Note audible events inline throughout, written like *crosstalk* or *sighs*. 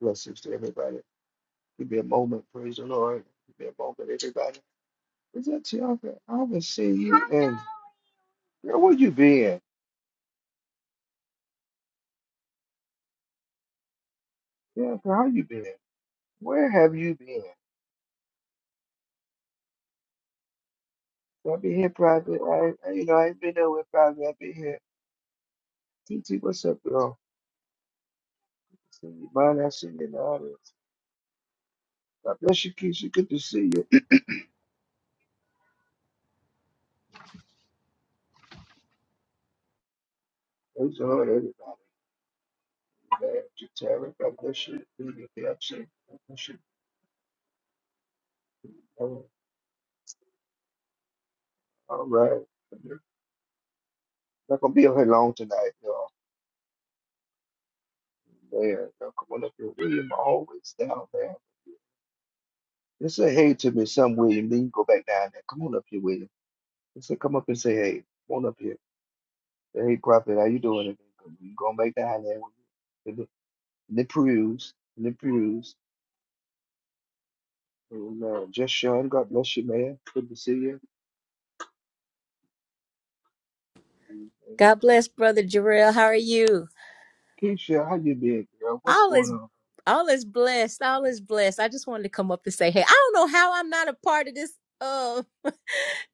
Blessings to everybody. Give me a moment, praise the Lord. Give me a moment, everybody. Is that Tianca? I haven't seen you. And girl, where you been? Tianca, how you been? Where have you been? I've been here private. I, I- you know, I ain't been nowhere private. I've been here. TT, what's up, girl? See you, man. I see you in the audience. God bless you, Keisha. Good to see you. *clears throat* Praise the Lord, everybody. Amen. To Tara, God bless you. Good to Be absent. God bless you. All right. Not gonna be on here long tonight. There, you go. Come on up here, William. Always down there. Just say hey to me, some William. Then you go back down there. Come on up here, William. Just say, come up and say hey. Come on up here. Say, hey, prophet, how you doing? And then You going back down there? And then and then peruse, and then peruse. And uh, just Sean, God bless you, man. Good to see you. And, and God bless, Brother Jarrell. How are you? Keisha, how you been, girl? What's All going is on? all is blessed. All is blessed. I just wanted to come up and say, hey, I don't know how I'm not a part of this uh *laughs*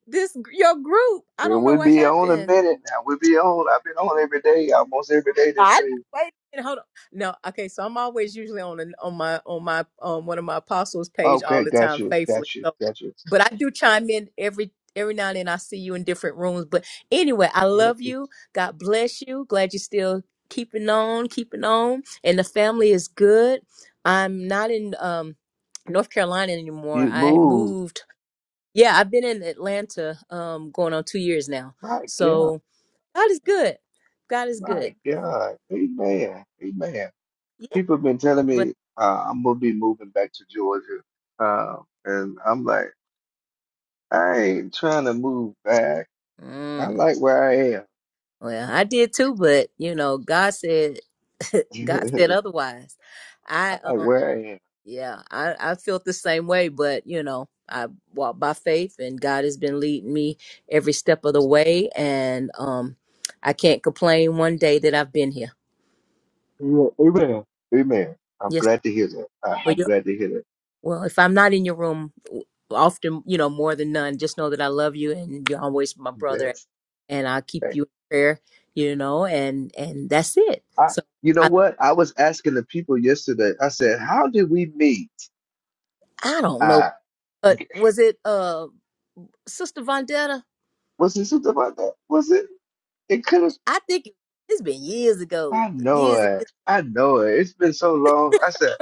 this your group. I Girl, don't know we what be on a happened. minute now. We be on. I've been on every day, almost every day this God. week. Wait a minute, hold on. No, okay, so I'm always usually on an, on my on my um one of my apostles page all Okay, the got time, you, faithfully. got you, So, got you. but I do chime in every every now and then. I see you in different rooms, but anyway, I Look, love you. God bless you. Glad you're still keeping on, keeping on, and the family is good. I'm not in um North Carolina anymore. You I move. moved. Yeah, I've been in Atlanta um going on two years now. My God, So God is good. God is good. my God, amen, amen. Yeah People have been telling me uh, I'm gonna be moving back to Georgia, uh, and I'm like, I ain't trying to move back. I Mm. like where I Well, I did too, but you know, God said, *laughs* am. God *laughs* said otherwise. I I like um, where I am. yeah, I I felt the same way, but you know, I walk by faith, and God has been leading me every step of the way, and um, I can't complain one day that I've been here. Yeah, amen, amen. I'm Yes, glad to hear that. I, well, I'm you glad to hear that. well, if I'm not in your room often, you know, more than none, just know that I love you, and you're always my I'm glad. brother, and I'll keep Thank you in prayer, you know, and and that's it. you. I, you So. know what? I was asking the people yesterday. I said, "How did we meet?" I don't know, Uh, but was it uh Sister Vendetta? was it something about that? Was it? It could have. I think it's been years ago, I know years and years. it. I know it. It's been so long. I said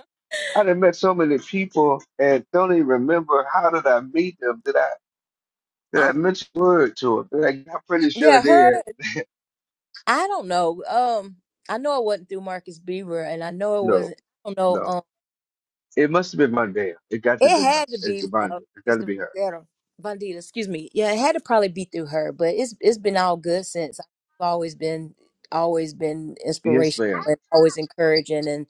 I done met so many people and don't even remember how did I meet them? Did I did I'm I mention a word to them? Like I'm pretty sure I yeah, her did. I don't know. Um, I know it wasn't through Marcus Beaver, and I know it No, wasn't. I don't know. no. Um, It must have been Mondale. It got to it be my had to it's be Mondale. uh, It got to Sister be her. Vendetta, Vendetta, Excuse me. Yeah, it had to probably be through her, but it's it's been all good since. I've always been always been Yes, inspirational ma'am. and always encouraging, and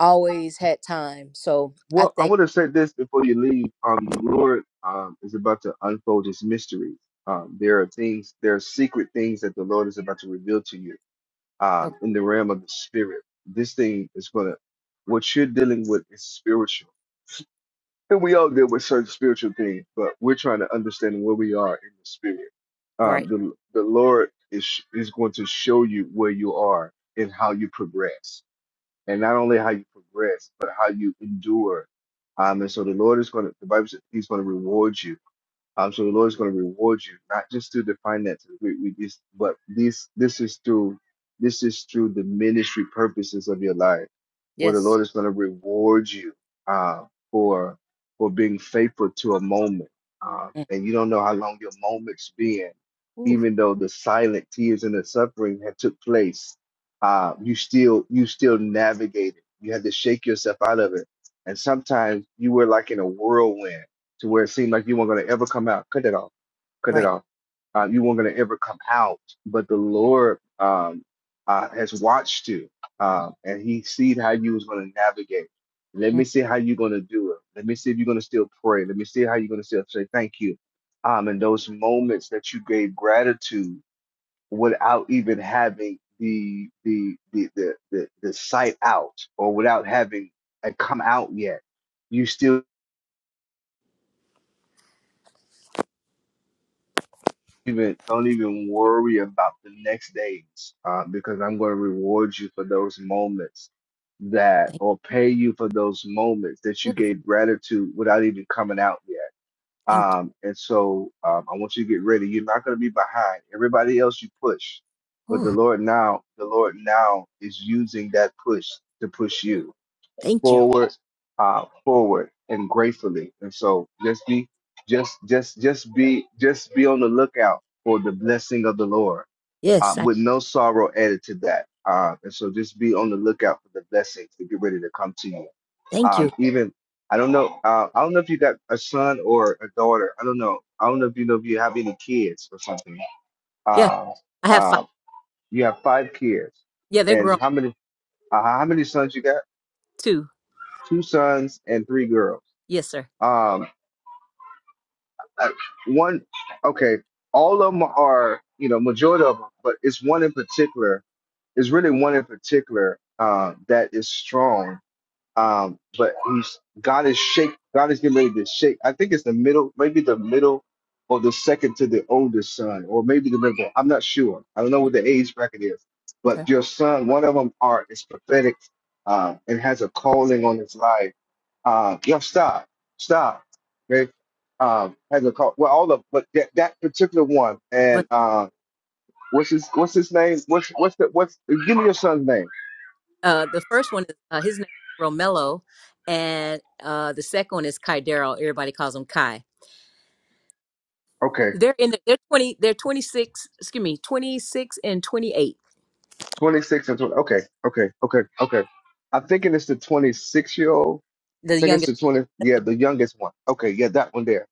always had time. So I Well, I think want to say this before you leave. Um, the Lord um is about to unfold His mysteries. Um, there are things, there are secret things that the Lord is about to reveal to you okay, um, in the realm of the spirit. This thing is gonna what you're dealing with is spiritual. And we all deal with certain spiritual things, but we're trying to understand where we are in the spirit. Um, right. the the Lord is is going to show you where you are and how you progress, and not only how you progress, but how you endure. Um, and so the Lord is going to the Bible says He's going to reward you um, so the Lord is going to reward you, not just through the finances, we, we just, but this this is through this is through the ministry purposes of your life, where the Yes. Lord is going to reward you uh, for for being faithful to a moment, uh, Mm. and you don't know how long your moment's been, Ooh. even though the silent tears and the suffering had took place, uh, you still you still navigated. You had to shake yourself out of it, and sometimes you were like in a whirlwind to where it seemed like you weren't going to ever come out. Cut it off. Cut it Right. off. Uh, you weren't going to ever come out. But the Lord um, uh, has watched you, um, and He seen how you was going to navigate. Let Mm, me see how you're going to do it. Let me see if you're going to still pray. Let me see how you're going to still say thank you. Um, and those moments that you gave gratitude without even having the the the the the, the sight out or without having it come out yet, you still even don't even worry about the next days uh, because I'm going to reward you for those moments that Thank or pay you for those moments that you. you Ooh, gave gratitude without even coming out yet. thank Um, and so um, I want you to get ready. You're not going to be behind everybody else. You push, you. but the Ooh, Lord now, the Lord now is using that push to push you thank you. forward, uh, forward, and gratefully. And so just be, just just just be just be on the lookout for the blessing of the Lord, uh, Yes, I with no sorrow added to that. Uh, and so just be on the lookout for the blessings to get ready to come to you. thank you. Um, even I don't know. Uh, I don't know if you got a son or a daughter. I don't know. I don't know if you know if you have any kids or something. Yeah, Uh, I have five. uh, you have five kids, Yeah, they're and grown how many? Uh, how many sons you got? too. Two sons and three girls. Yes, sir. Um, uh, one, okay, all of them are, you know, majority of them, but it's one in particular. It's really one in particular uh, that is strong um, but he's God is shake. God is getting ready to shake. I think it's the middle, maybe the middle or the second to the oldest son, or maybe the middle. I'm not sure. I don't know what the age bracket is. Okay. But your son, one of them, are is prophetic, uh, and has a calling on his life. Uh, yo, stop, stop. Okay, um, has a call. Well, all of, but that, that particular one, But and uh, what's his what's his name? What's what's the what's give me your son's name? uh, the first one is uh, his name is Romello, and uh, the second one is Kaidero. Everybody calls him Kai. Okay They're in. The, they're twenty. They're twenty six. Excuse me, twenty six and twenty eight. 26 and 20. Okay, okay, okay, okay. I'm thinking it's the 26 year old. I The think it's youngest. the 20. Yeah, the youngest one. Okay, yeah, that one there.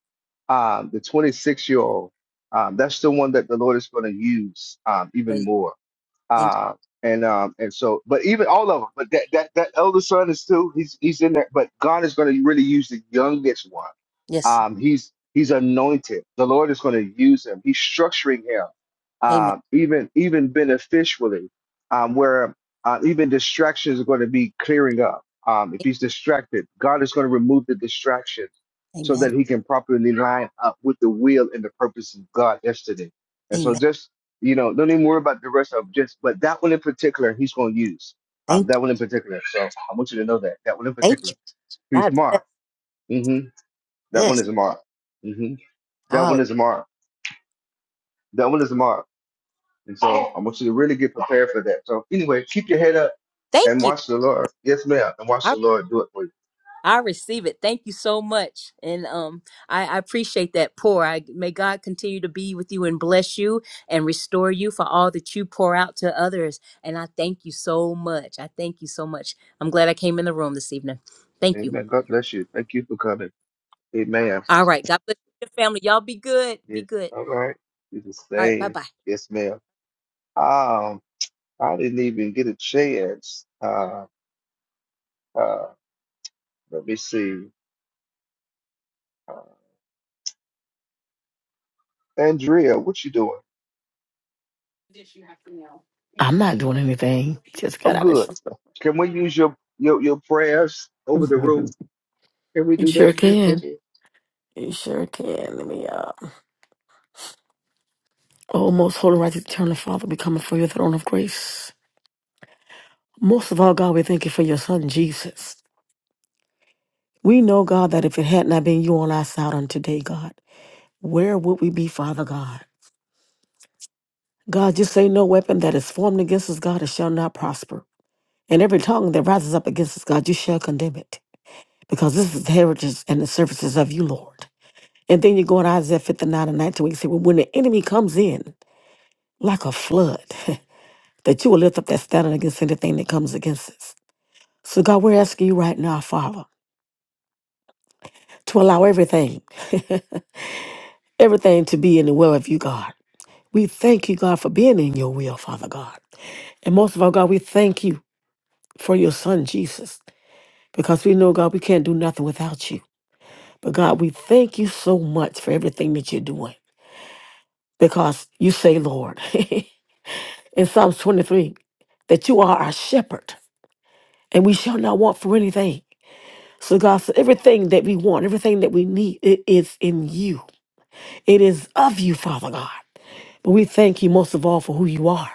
Um, the 26 year old. Um, that's the one that the Lord is going to use um, even Hallelujah. more. Thank Uh, and um, and so, but even all of them, but that that that elder son is still he's he's in there. But God is going to really use the youngest one. you. Yes. Sir. Um, he's he's anointed. The Lord is going to use him. He's structuring him, Amen. uh, even even beneficially, um, where uh, even distractions are going to be clearing up. Um, if he's distracted, God is going to remove the distractions so Amen. that he can properly line up with the will and the purpose of God yesterday. And so, Amen. just you know, don't even worry about the rest of 'em, just, but that one in particular, he's going to use. Um, Thank that you. one in particular. So I want you to know that. That one in Thank particular. you. He's God bless. marked. hmm That one Yes. is marked. hmm That one Hallelujah. is marked. That one is marked. And so I want you to really get prepared for that. So anyway, keep your head up Thank and watch the Lord. Yes, ma'am. And watch you. the Lord do it for you. I receive it. Thank you so much. And um I, I appreciate that pour. I may God continue to be with you and bless you and restore you for all that you pour out to others. And I thank you so much. I thank you so much. I'm glad I came in the room this evening. Thank you. Amen. God bless you. Thank you for coming. Amen. All right. God bless your family. Y'all be good. Be Yes. good. All right. He's the All right. Bye same. bye. Yes, ma'am. Um, I didn't even get a chance. Uh, uh, Let me see. Uh, Andrea, what you doing? I'm not doing anything. Just got I'm out of good. something. Can we use your, your your prayers over the room? *laughs* Can we You do sure that real can. quickly? You sure can. Let me uh Oh, most holy righteous eternal Father, we come before your throne of grace. Most of all, God, we thank you for your Son, Jesus. We know, God, that if it had not been you on our side on today, God, where would we be, Father God? God, just say no weapon that is formed against us, God, it shall not prosper. And every tongue that rises up against us, God, you shall condemn it. Because this is the heritage and the services of you, Lord. And then you go in Isaiah 59 and 19, where you say, Well, when the enemy comes in like a flood, *laughs* that you will lift up that standard against anything that comes against us. So, God, we're asking you right now, Father, to allow everything, *laughs* everything to be in the will of you, God. We thank you, God, for being in your will, Father God. And most of all, God, we thank you for your son, Jesus, because we know, God, we can't do nothing without you. But, God, we thank you so much for everything that you're doing because you say, Lord. *laughs* in Psalms 23 that you are our shepherd and we shall not want for anything. So, God, said, everything that we want, everything that we need, it is in you. It is of you, Father God. But we thank you most of all for who you are,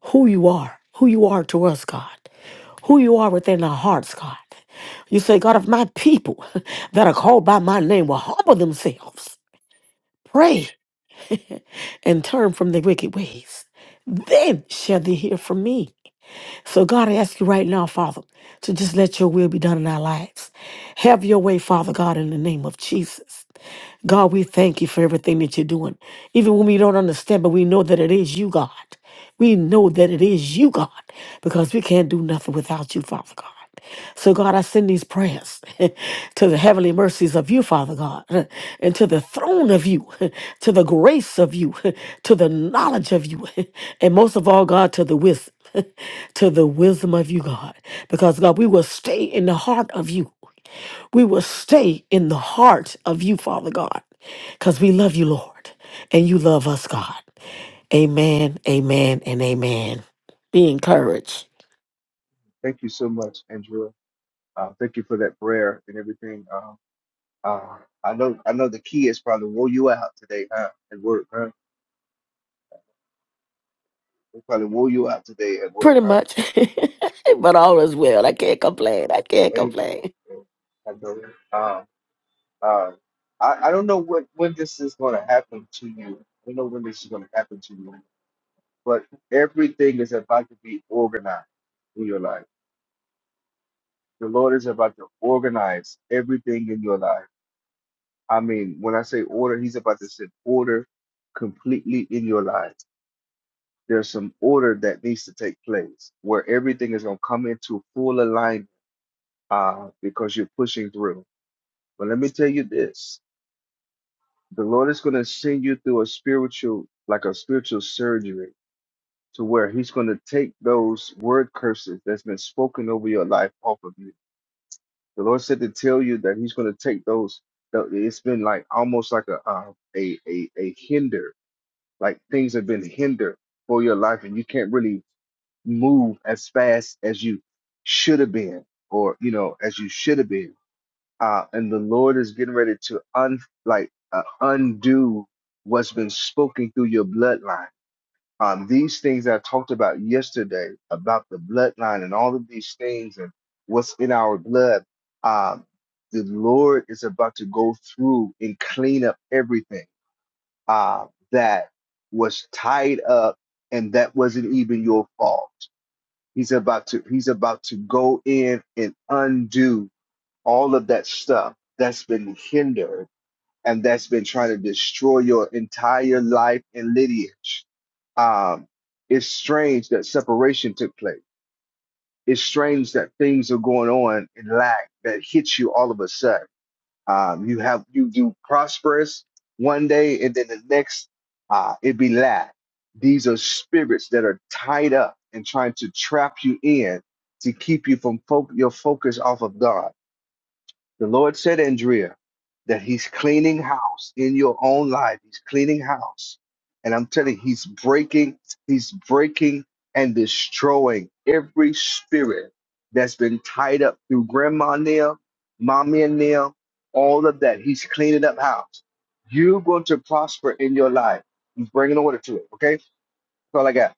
who you are, who you are to us, God, who you are within our hearts, God. You say, God, if my people *laughs* that are called by my name will humble themselves, pray, and turn from their wicked ways, then shall they hear from me. So, God, I ask you right now, Father, to just let your will be done in our lives. Have your way, Father God, in the name of Jesus. God, we thank you for everything that you're doing. Even when we don't understand, but we know that it is you, God. We know that it is you, God, because we can't do nothing without you, Father God. So, God, I send these prayers *laughs* to the heavenly mercies of you, Father God, *laughs* and to the throne of you, *laughs* to the grace of you, *laughs* to the knowledge of you, *laughs* and most of all, God, to the wisdom. *laughs* to the wisdom of you, God. Because, God, we will stay in the heart of you. We will stay in the heart of you, Father God, because we love you, Lord, and you love us, God. Amen, amen, and amen. Be encouraged. Thank you so much, Andrea. Uh, thank you for that prayer and everything. Uh, uh, I know I know the kids probably wore you out today, huh? At work, huh? They probably wore you out today at work, Pretty huh? much, *laughs* but all is well. I can't complain. I can't They- complain. I know. Uh, uh, I, I don't know what when this is going to happen to you. I don't know when this is going to happen to you. but everything is about to be organized in your life. The Lord is about to organize everything in your life. I mean, when I say order, He's about to set order completely in your life. There's some order that needs to take place where everything is going to come into full alignment uh, because you're pushing through. But let me tell you this the Lord is going to send you through a spiritual, like a spiritual surgery to where he's going to take those word curses that's been spoken over your life off of you The Lord said to tell you that He's going to take those. the- It's been like almost like a, uh, a a a hinder, like things have been hindered for your life, and you can't really move as fast as you should have been, or you know, as you should have been. Uh, and the Lord is getting ready to un like uh, undo what's been spoken through your bloodline um, these things that I talked about yesterday about the bloodline and all of these things and what's in our blood, um, the Lord is about to go through and clean up everything uh, that was tied up and that wasn't even your fault. He's about to he's about to go in and undo all of that stuff that's been hindered and that's been trying to destroy your entire life and lineage. Um, it's strange that separation took place. It's strange that things are going on in lack that hits you all of a sudden. Um, you have you you prosperous one day, and then the next uh, it be lack. These are spirits that are tied up and trying to trap you in to keep you from fo- your focus off of God the Lord said, Andrea, that He's cleaning house in your own life. He's cleaning house. And I'm telling you, He's breaking, He's breaking and destroying every spirit that's been tied up through grandma nail, mommy and nail, all of that. He's cleaning up house. You're going to prosper in your life. He's bringing order to it. Okay? That's all I got.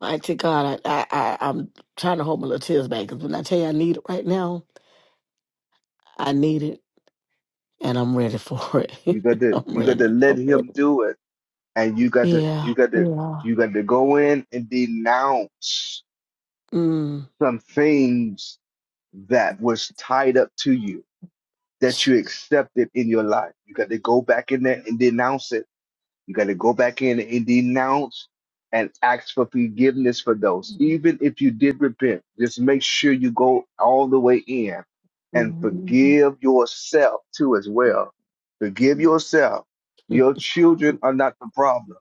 Mighty God, I, I, I, I'm trying to hold my little tears back because when I tell you I need it right now, I need it and I'm ready for You it. got *laughs* to, I'm you got to ready. let I'm Him ready. do it. And you got to, Yeah. you got to, Yeah. you got to go in and denounce Mm. some things that was tied up to you that you accepted in your life. You got to go back in there and denounce it. You got to go back in and denounce and ask for forgiveness for those. Even if you did repent, just make sure you go all the way in and forgive yourself too as well. Forgive yourself. Your children are not the problem.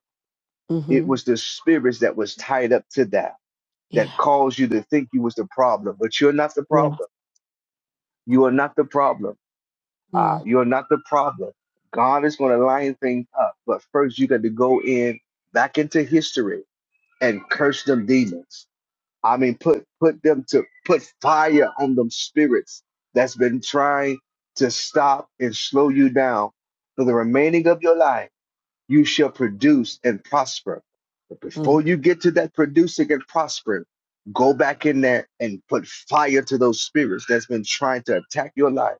It Mm-hmm. was the spirits that was tied up to that *laughs* Yeah. that caused you to think you was the problem, but you're not the Yeah. problem You are not the problem. Ah, Mm, you are not the problem. God is going to line things up, but first you got to go in back into history and curse them demons. I mean, put put them to put fire on them spirits that's been trying to stop and slow you down for the remaining of your life. You shall produce and prosper. But before mm, you get to that producing and prospering, go back in there and put fire to those spirits that's been trying to attack your life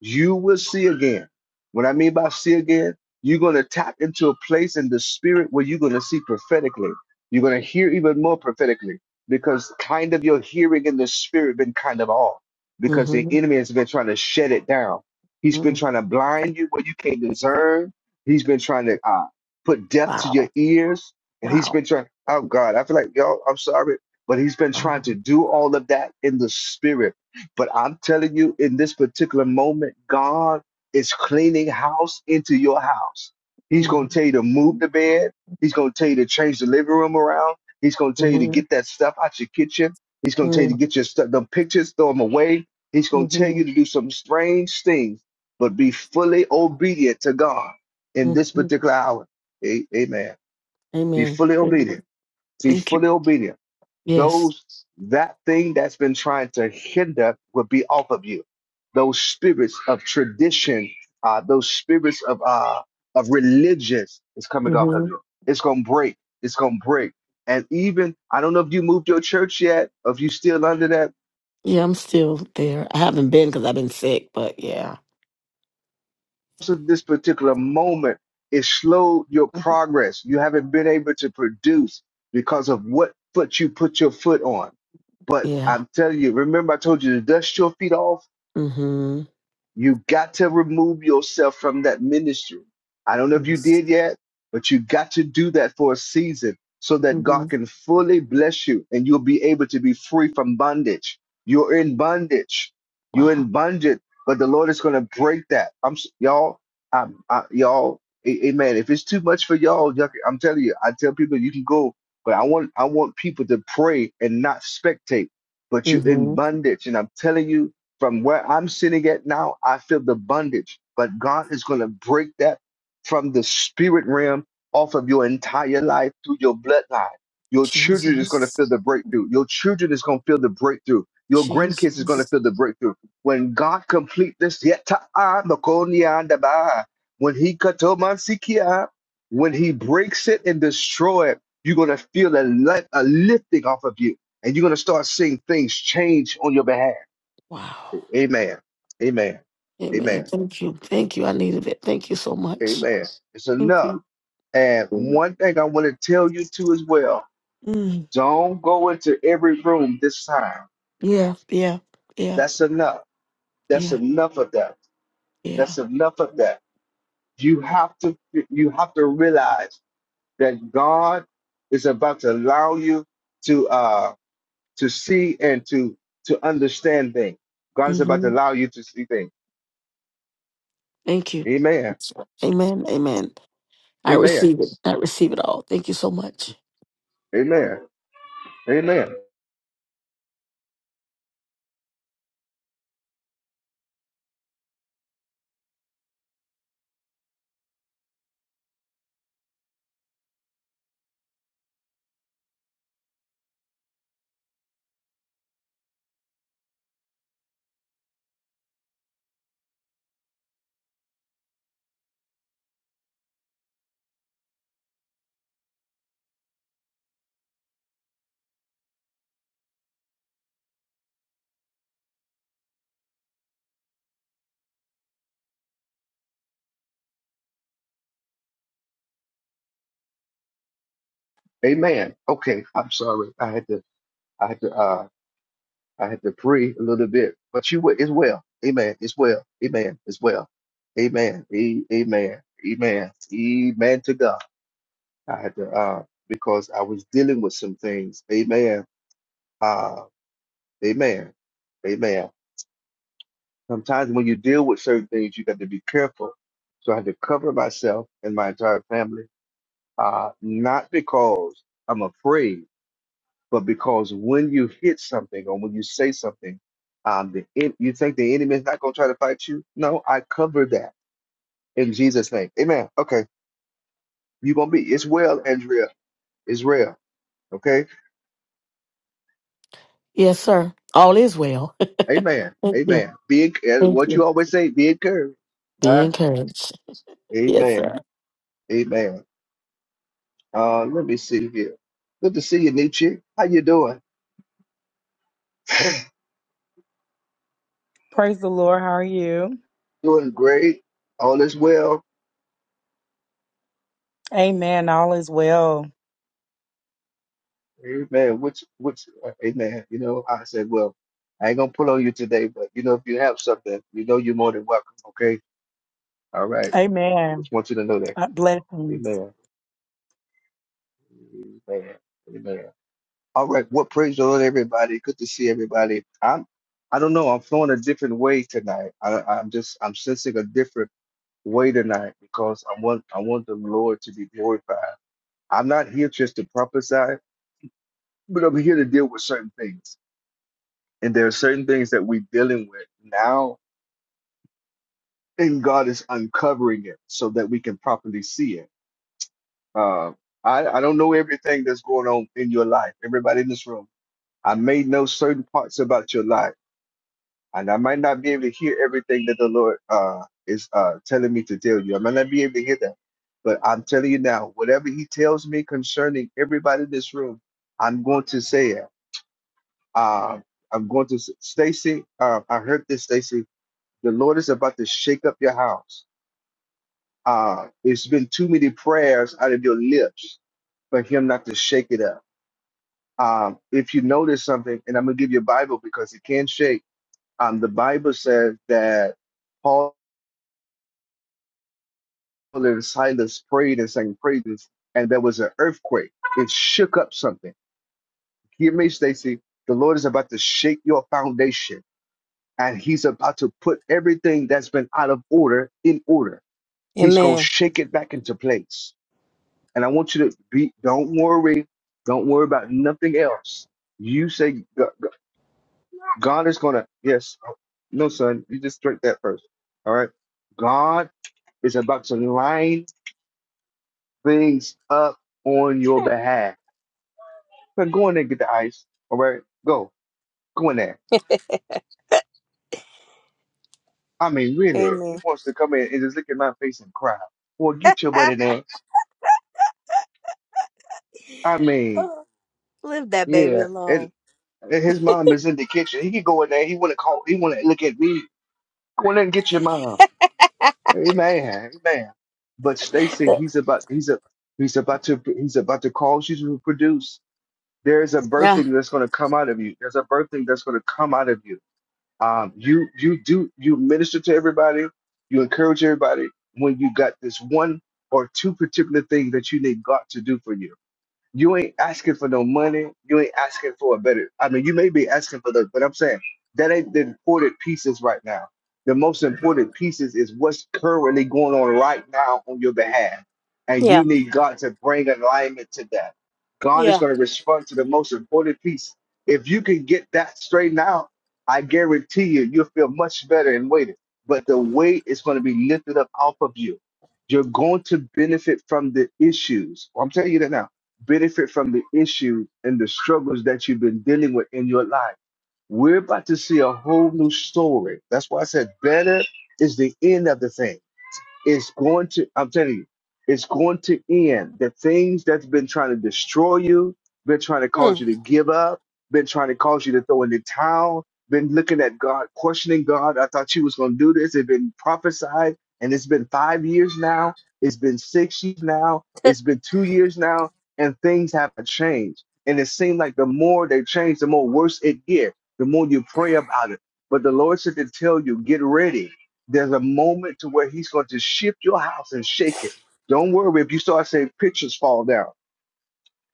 you will see again. What I mean by see again, you're going to tap into a place in the spirit where you're going to see prophetically. You're going to hear even more prophetically because kind of your hearing in the spirit been kind of off because the mm-hmm, enemy has been trying to shut it down. He's been mm. trying to blind you where you can't discern. He's been trying to uh, put death to your Wow. ears. And he's been Wow. trying, oh God, I feel like, y'all, I'm sorry, but he's been trying to Wow. do all of that in the spirit but I'm telling you, in this particular moment, God is cleaning house into your house. He's going Mm, to tell you to move the bed. He's going to tell you to change the living room around. He's going to tell you to mm-hmm, get that stuff out your kitchen. He's going to tell you to mm, get your stuff, the pictures, throw them away. He's going to tell mm-hmm, you to do some strange things, but be fully obedient to God in this mm-hmm. particular hour. A- Amen. Be Amen. fully Thank you. obedient. So Thank fully you. obedient. Yes. Those that thing that's been trying to hinder will be off of you. Those spirits of tradition, uh, those spirits of uh, of religious is coming off of Mm-hmm. you. It's gonna break. It's gonna break. And even I don't know if you moved your church yet, or if you still under that. Yeah, I'm still there. I haven't been because I've been sick, but yeah. So this particular moment, it slowed your Mhm. progress. You haven't been able to produce because of what foot you put your foot on But Yeah. I'm telling you, remember I told you to dust your feet off Mm-hmm. you got to remove yourself from that ministry. I don't know if you Yes. did yet, but you got to do that for a season so that God Mm-hmm. can fully bless you and you'll be able to be free from bondage. You're in bondage. You're Wow. in bondage, but the Lord is going to break that. I'm s- y'all, I'm, I, y'all, a- amen. If it's too much for y'all, y'all can- I'm telling you, I tell people you can go, but I want I want people to pray and not spectate. But you're in Mm-hmm. bondage, and I'm telling you, from where I'm sitting at now, I feel the bondage, but God is going to break that from the spirit realm off of your entire life through your bloodline. Your children is going to Jesus. feel the breakthrough. Your children is going to feel the breakthrough. Your grandkids is going to Jesus. feel the breakthrough. When God complete this, yet ta'a makonia ndaba. when He katomansikia, when He breaks it and destroy it, you're going to feel a, li- a lifting off of you and you're going to start seeing things change on your behalf. Wow. Amen. Amen. Amen. Amen. Thank you. Thank you. I needed it. Thank you so much. Amen. It's Thank enough. you. And one thing I want to tell you too as well, Mm. don't go into every room this time. Yeah. Yeah. Yeah. That's enough. That's Yeah. enough of that. Yeah. That's enough of that. You have to you have to realize that God is about to allow you to uh to see and to to understand things. God is about to hmm allow you to see things. Thank you. Amen. Amen. Amen. I Amen. receive it. I receive it all. Thank you so much. Amen. Amen. Amen. Okay, I'm sorry. I had to I had to uh I had to pray a little bit. But you were as well. Amen. As well. Amen. As well. Amen. A- amen. Amen. Amen to God. I had to uh because I was dealing with some things. Amen. Uh amen. Amen. Sometimes when you deal with certain things, you got to be careful. So I had to cover myself and my entire family. Uh not because I'm afraid but because when you hit something or when you say something, um, the en- you think the enemy is not going to try to fight you? No, I covered that in Jesus' name. Amen. Okay, you're going to be. It's well, Andrea. It's well. Okay. Yes, sir. All is well. Amen. *laughs* Thank you. Amen. Be en- uh, Thank what you you. always say. Be encouraged. All Be right. encouraged. Yes, Amen. sir. Amen. Uh, let me see here. Good to see you, Nietzsche. How you doing? Praise the Lord. How are you? Doing great. All is well. Amen. All is well. Amen. Which, which, uh, amen. You know, I said, well, I ain't gonna pull on you today, but you know, if you have something, you know, you're more than welcome. Okay. All right. Amen. Just want you to know that. Uh, Blessings. Amen. Amen. Amen. All right. Well, praise the Lord, everybody. Good to see everybody. I'm, I don't know. I'm flowing a different way tonight. I, I'm just, I'm sensing a different way tonight because I want, I want the Lord to be glorified. I'm not here just to prophesy, but I'm here to deal with certain things. And there are certain things that we're dealing with now and God is uncovering it so that we can properly see it. Uh, I, I don't know everything that's going on in your life. Everybody in this room, I may know certain parts about your life, and I might not be able to hear everything that the Lord uh, is uh, telling me to tell you. I might not be able to hear that, but I'm telling you now, whatever He tells me concerning everybody in this room, I'm going to say it. Uh, I'm going to, s- Stacy. Uh, I heard this, Stacy. The Lord is about to shake up your house. Uh, it's been too many prayers out of your lips for him not to shake it up. Um, if you notice something, and I'm going to give you a Bible because it can shake. Um, the Bible says that Paul and Silas prayed and sang praises, and there was an earthquake. It shook up something. Hear me, Stacy. The Lord is about to shake your foundation, and He's about to put everything that's been out of order in order. He's going to Amen. shake it back into place And I want you to be, don't worry. Don't worry about nothing else. You say, "G- g- God is going to, yes. No, son, you just drink that first. All right. God is about to line things up on your behalf. Now go in there and get the ice. All right. Go. Go in there. I mean, really, he Amen. wants to come in and just look at my face and cry. Well, get your butt in there. I mean, Oh, leave that baby yeah. And, alone. and his mom is in the kitchen. He could go in there. He want to call. He want to look at me. Go in there and get your mom. Amen. Amen. But Stacy, he's about he's a he's about to he's about to cause you to produce. There is a Yeah. birthing that's going to come out of you. There's a birthing that's going to come out of you. Um, you you do you minister to everybody. You encourage everybody when you got this one or two particular things that you need God to do for you. You ain't asking for no money. You ain't asking for a better. I mean, you may be asking for the, but I'm saying that ain't the important pieces right now. The most important pieces is what's currently going on right now on your behalf. And Yeah. you need God to bring alignment to that. God is Yeah. going to respond to the most important piece. If you can get that straightened out, I guarantee you, you'll feel much better and waiting. But the weight is going to be lifted up off of you. You're going to benefit from the issues. I'm telling you that now benefit from the issues and the struggles that you've been dealing with in your life. We're about to see a whole new story. That's why I said better is the end of the thing. It's going to, I'm telling you, it's going to end. The things that's been trying to destroy you, been trying to cause Mm. you to give up, been trying to cause you to throw in the towel, been looking at God, questioning God. I thought you was going to do this. It's been prophesied, and it's been five years now. It's been six years now. It's been two years now, and things haven't changed. And it seemed like the more they change, the more worse it get. The more you pray about it. But the Lord said to tell you, get ready there's a moment to where he's going to shift your house and shake it. Don't worry if you start saying pictures fall down,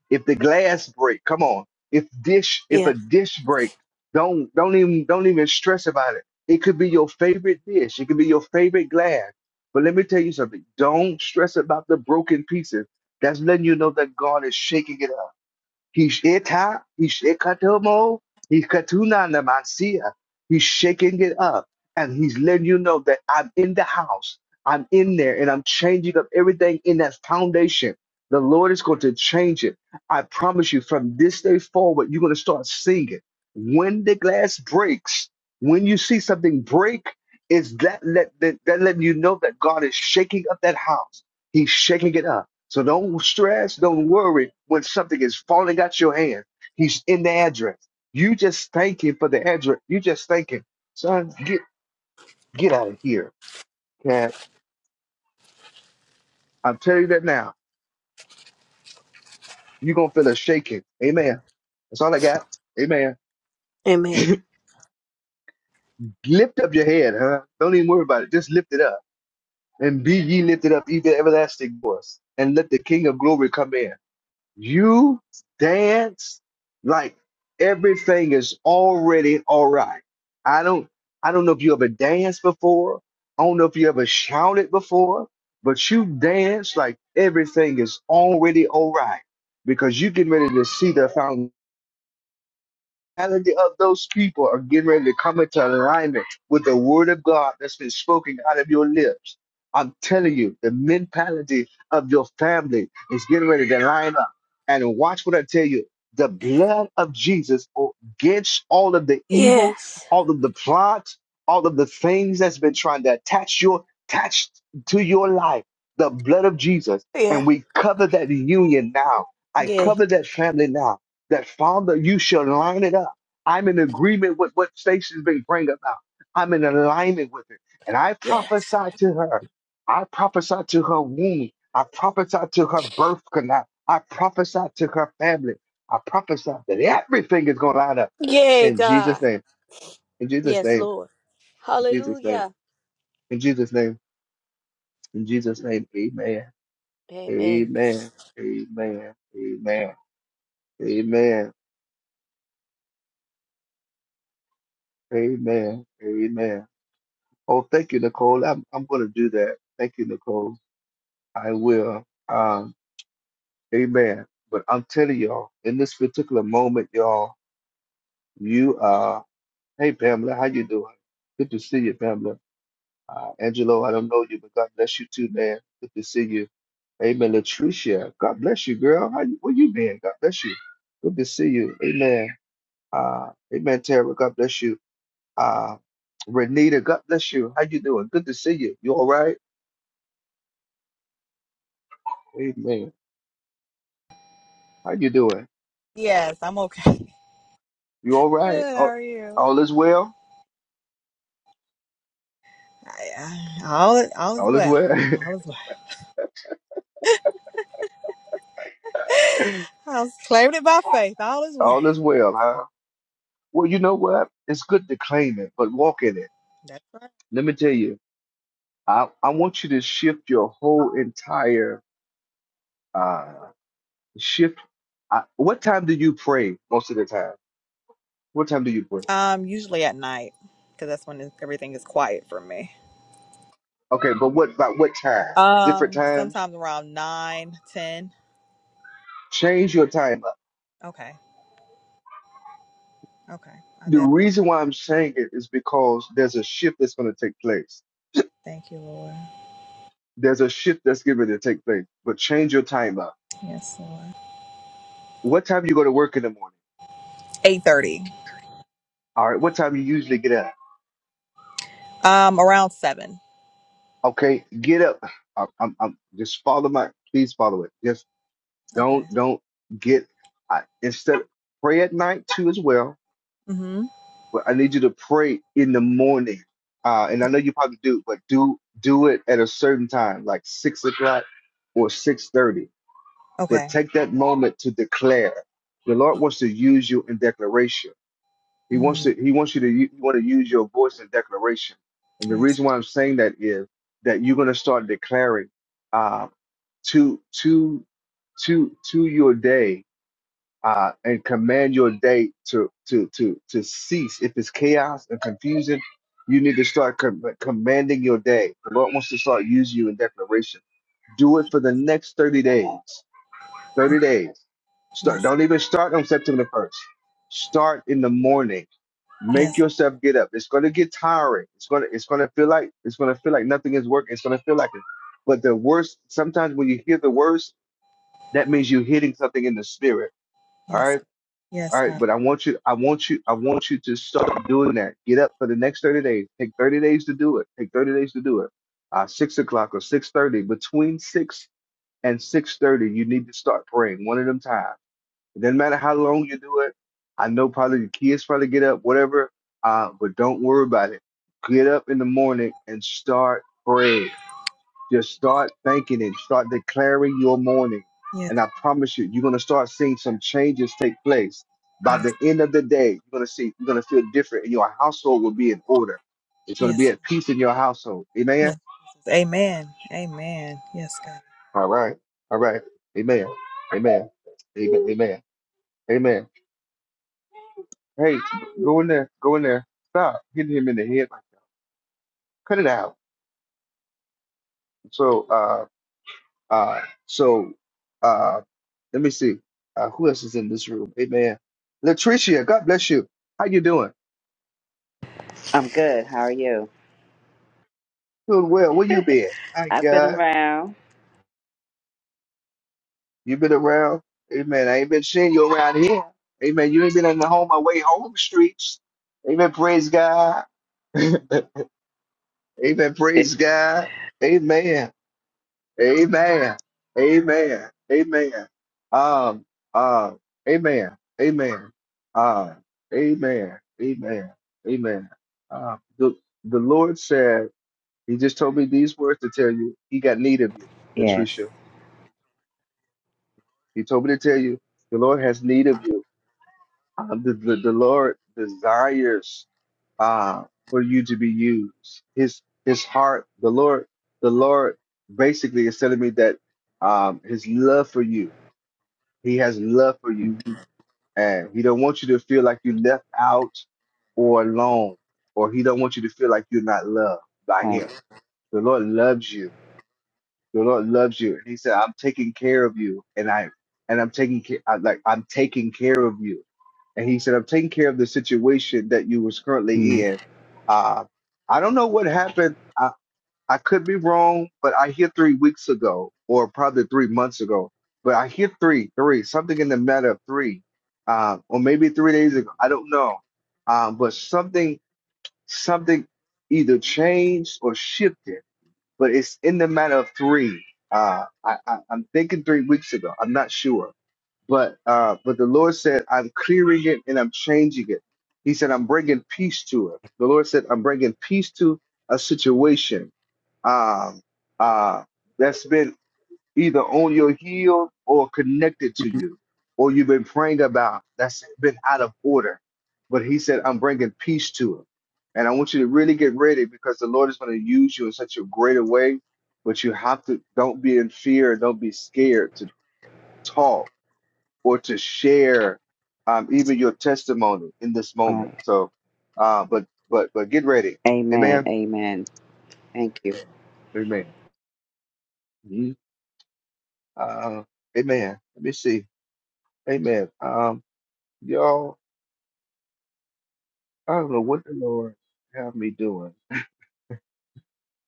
if the glass break, come on. If dish, if a Yeah. dish break, don't don't even don't even stress about it. It could be your favorite dish, it could be your favorite glass. But let me tell you something. Don't stress about the broken pieces. That's letting you know that God is shaking it up. He's eta. Hishita, Hishikatomo, Hikatuna Namansia. He's shaking it up and he's letting you know that I'm in the house. I'm in there and I'm changing up everything in that foundation. The Lord is going to change it. I promise you, from this day forward, you're going to start seeing it. When the glass breaks, when you see something break, is that let that, that letting you know that God is shaking up that house? He's shaking it up. So don't stress, don't worry when something is falling out your hand. He's in the address. You just thank him for the address. You just thank him. Son, get get out of here. Cat. I'm telling you that now. You're gonna feel a shaking. Amen. That's all I got. Amen. Amen. *laughs* lift up your head, huh? Don't even worry about it. Just lift it up. And be ye lifted up, even everlasting voice. And let the King of glory come in. You dance like everything is already all right. I don't I don't know if you ever danced before. I don't know if you ever shouted before, but you dance like everything is already all right because you getting ready to see the foundation reality of those people are getting ready to come into alignment with the word of God that's been spoken out of your lips. I'm telling you, the mentality of your family is getting ready to line up. And watch what I tell you. The blood of Jesus against all of the evil, Yes. all of the plots, all of the things that's been trying to attach your attach to your life. The blood of Jesus. And Yeah. we cover that union now. I Yeah. cover that family now that Father, you shall line it up. I'm in agreement with what Stacy's been praying about. I'm in alignment with it. And I Yes. prophesy to her. I prophesy to her womb. I prophesy to her birth canal. I prophesy to her family. I prophesy that everything is going to line up. Yay, In Jesus' God. name. In Jesus' Yes, name. Lord. In Jesus' name. Hallelujah. In Jesus' name. In Jesus' name. Amen. Amen. Amen. Amen. Amen. Amen. Amen. Amen. Oh, thank you, Nicole. I'm I'm gonna do that. Thank you, Nicole. I will. Um, amen. But I'm telling y'all, in this particular moment, y'all, you uh hey Pamela, how you doing? Good to see you, Pamela. Uh, Angelo, I don't know you, but God bless you too, man. Good to see you. Amen. Latricia, God bless you, girl. How you where you been? God bless you. Good to see you. Amen. Uh Amen, Tara. God bless you. Uh Renita, God bless you. How you doing? Good to see you. You all right? Amen. How you doing? Yes, I'm okay. You all right? Good, how All, are you? all is well? I, I, all, is- all is All is well. well? All is well. *laughs* I was claiming it by faith. All is well. all is well, huh? Well, you know what? It's good to claim it, but walk in it. That's right. Let me tell you, I, I want you to shift your whole entire uh shift. I, what time do you pray most of the time? What time do you pray? Um, usually at night, because that's when everything is quiet for me. Okay, but what about what time? Different Um, times? sometimes around nine, ten. Change your time up. Okay, okay. I The definitely reason why I'm saying it is because there's a shift that's going to take place thank you, Lord. there's a shift that's given to take place. But change your time up. Yes, Lord. What time you go to work in the morning? Eight thirty. All right. What time you usually get up? Um, around seven. Okay, get up. I'm, I'm, I'm just follow my. Please follow it. Just Okay. don't, don't get. I, instead, pray at night too as well. Mm-hmm. But I need you to pray in the morning. Uh, and I know you probably do, but do do it at a certain time, like six o'clock or six thirty. But Okay. take that moment to declare. The Lord wants to use you in declaration He wants Mm. to. He wants you to. You want to use your voice in declaration. And the Yes. reason why I'm saying that is that you're going to start declaring uh, to to to to your day uh, and command your day to to to to cease. If it's chaos and confusion, you need to start com- commanding your day. The Lord wants to start using you in declaration. Do it for the next 30 days. Okay. 30 days. Start. Yes. Don't even start on September 1st. Start in the morning Make Yes. yourself get up. It's gonna get tiring. It's gonna it's gonna feel like it's gonna feel like nothing is working. It's gonna feel like it. But the worst sometimes when you hear the worst, that means you're hitting something in the spirit. All Yes. right. Yes, All right. God. But I want you, I want you, I want you to start doing that. Get up for the next 30 days. Take 30 days to do it. Take 30 days to do it. Uh, six o'clock or six thirty. Between six and six thirty, you need to start praying one at a time it doesn't matter how long you do it. I know probably the kids probably get up, whatever. Uh, but don't worry about it. Get up in the morning and start praying. Just start thanking it. Start declaring your morning. Yes. And I promise you, you're gonna start seeing some changes take place. By the Yes. end of the day, you're gonna see you're gonna feel different and your household will be in order. It's gonna Yes. be at peace in your household. Yes. Amen. Jesus. Amen. Amen. Yes, God. All right. All right. Amen. Amen. Amen. Amen. Amen. Hey, go in there, go in there. Stop hitting him in the head like that. Cut it out. So, uh, uh, so, uh, let me see. Uh, who else is in this room? Hey, man, Latricia, God bless you. How you doing? I'm good. How are you? Doing well. Where you been? My I've been God, around. you been around? Hey, man, I ain't been seeing you around here. Hey, man, you ain't been in the home away home streets. Amen. Praise God. *laughs* Amen. Praise *laughs* God. Amen. Amen. Amen. Amen. Um, uh, amen. Amen. Uh, amen. Amen. Amen. Uh, the, the Lord said, He just told me these words to tell you, He got need of you, yes. Latricia. He told me to tell you, the Lord has need of you. Um, the, the, the Lord desires uh, for you to be used. His His heart, the Lord, the Lord basically is telling me that um, His love for you He has love for you, Mhm. and he don't want you to feel like you're left out or alone, or he don't want you to feel like you're not loved by him. Right. The Lord loves you. The Lord loves you, and He said, "I'm taking care of you, and I and I'm taking care like I'm taking care of you." And He said, "I'm taking care of the situation that you was currently Mm. in." Uh, I don't know what happened. I could be wrong, but I hear three weeks ago, or probably three months ago, but I hear three, three, something in the matter of three, uh, or maybe three days ago. I don't know, um, but something, something either changed or shifted, but it's in the matter of three. Uh, I, I, I'm thinking three weeks ago. I'm not sure but uh, but the Lord said, I'm clearing it and I'm changing it. He said, I'm bringing peace to it. The Lord said, I'm bringing peace to a situation um, uh, that's been either on your heel or connected to you, or you've been praying about that's been out of order. But he said, I'm bringing peace to it. And I want you to really get ready because the Lord is going to use you in such a greater way. But you have to, don't be in fear, don't be scared to talk or to share um, even your testimony in this moment. Right. So, uh, but but but get ready, Amen. Amen, Amen. Thank you. Amen, Mhm. uh, Amen. Let me see, Amen. Um, y'all, I don't know what the Lord have me doing.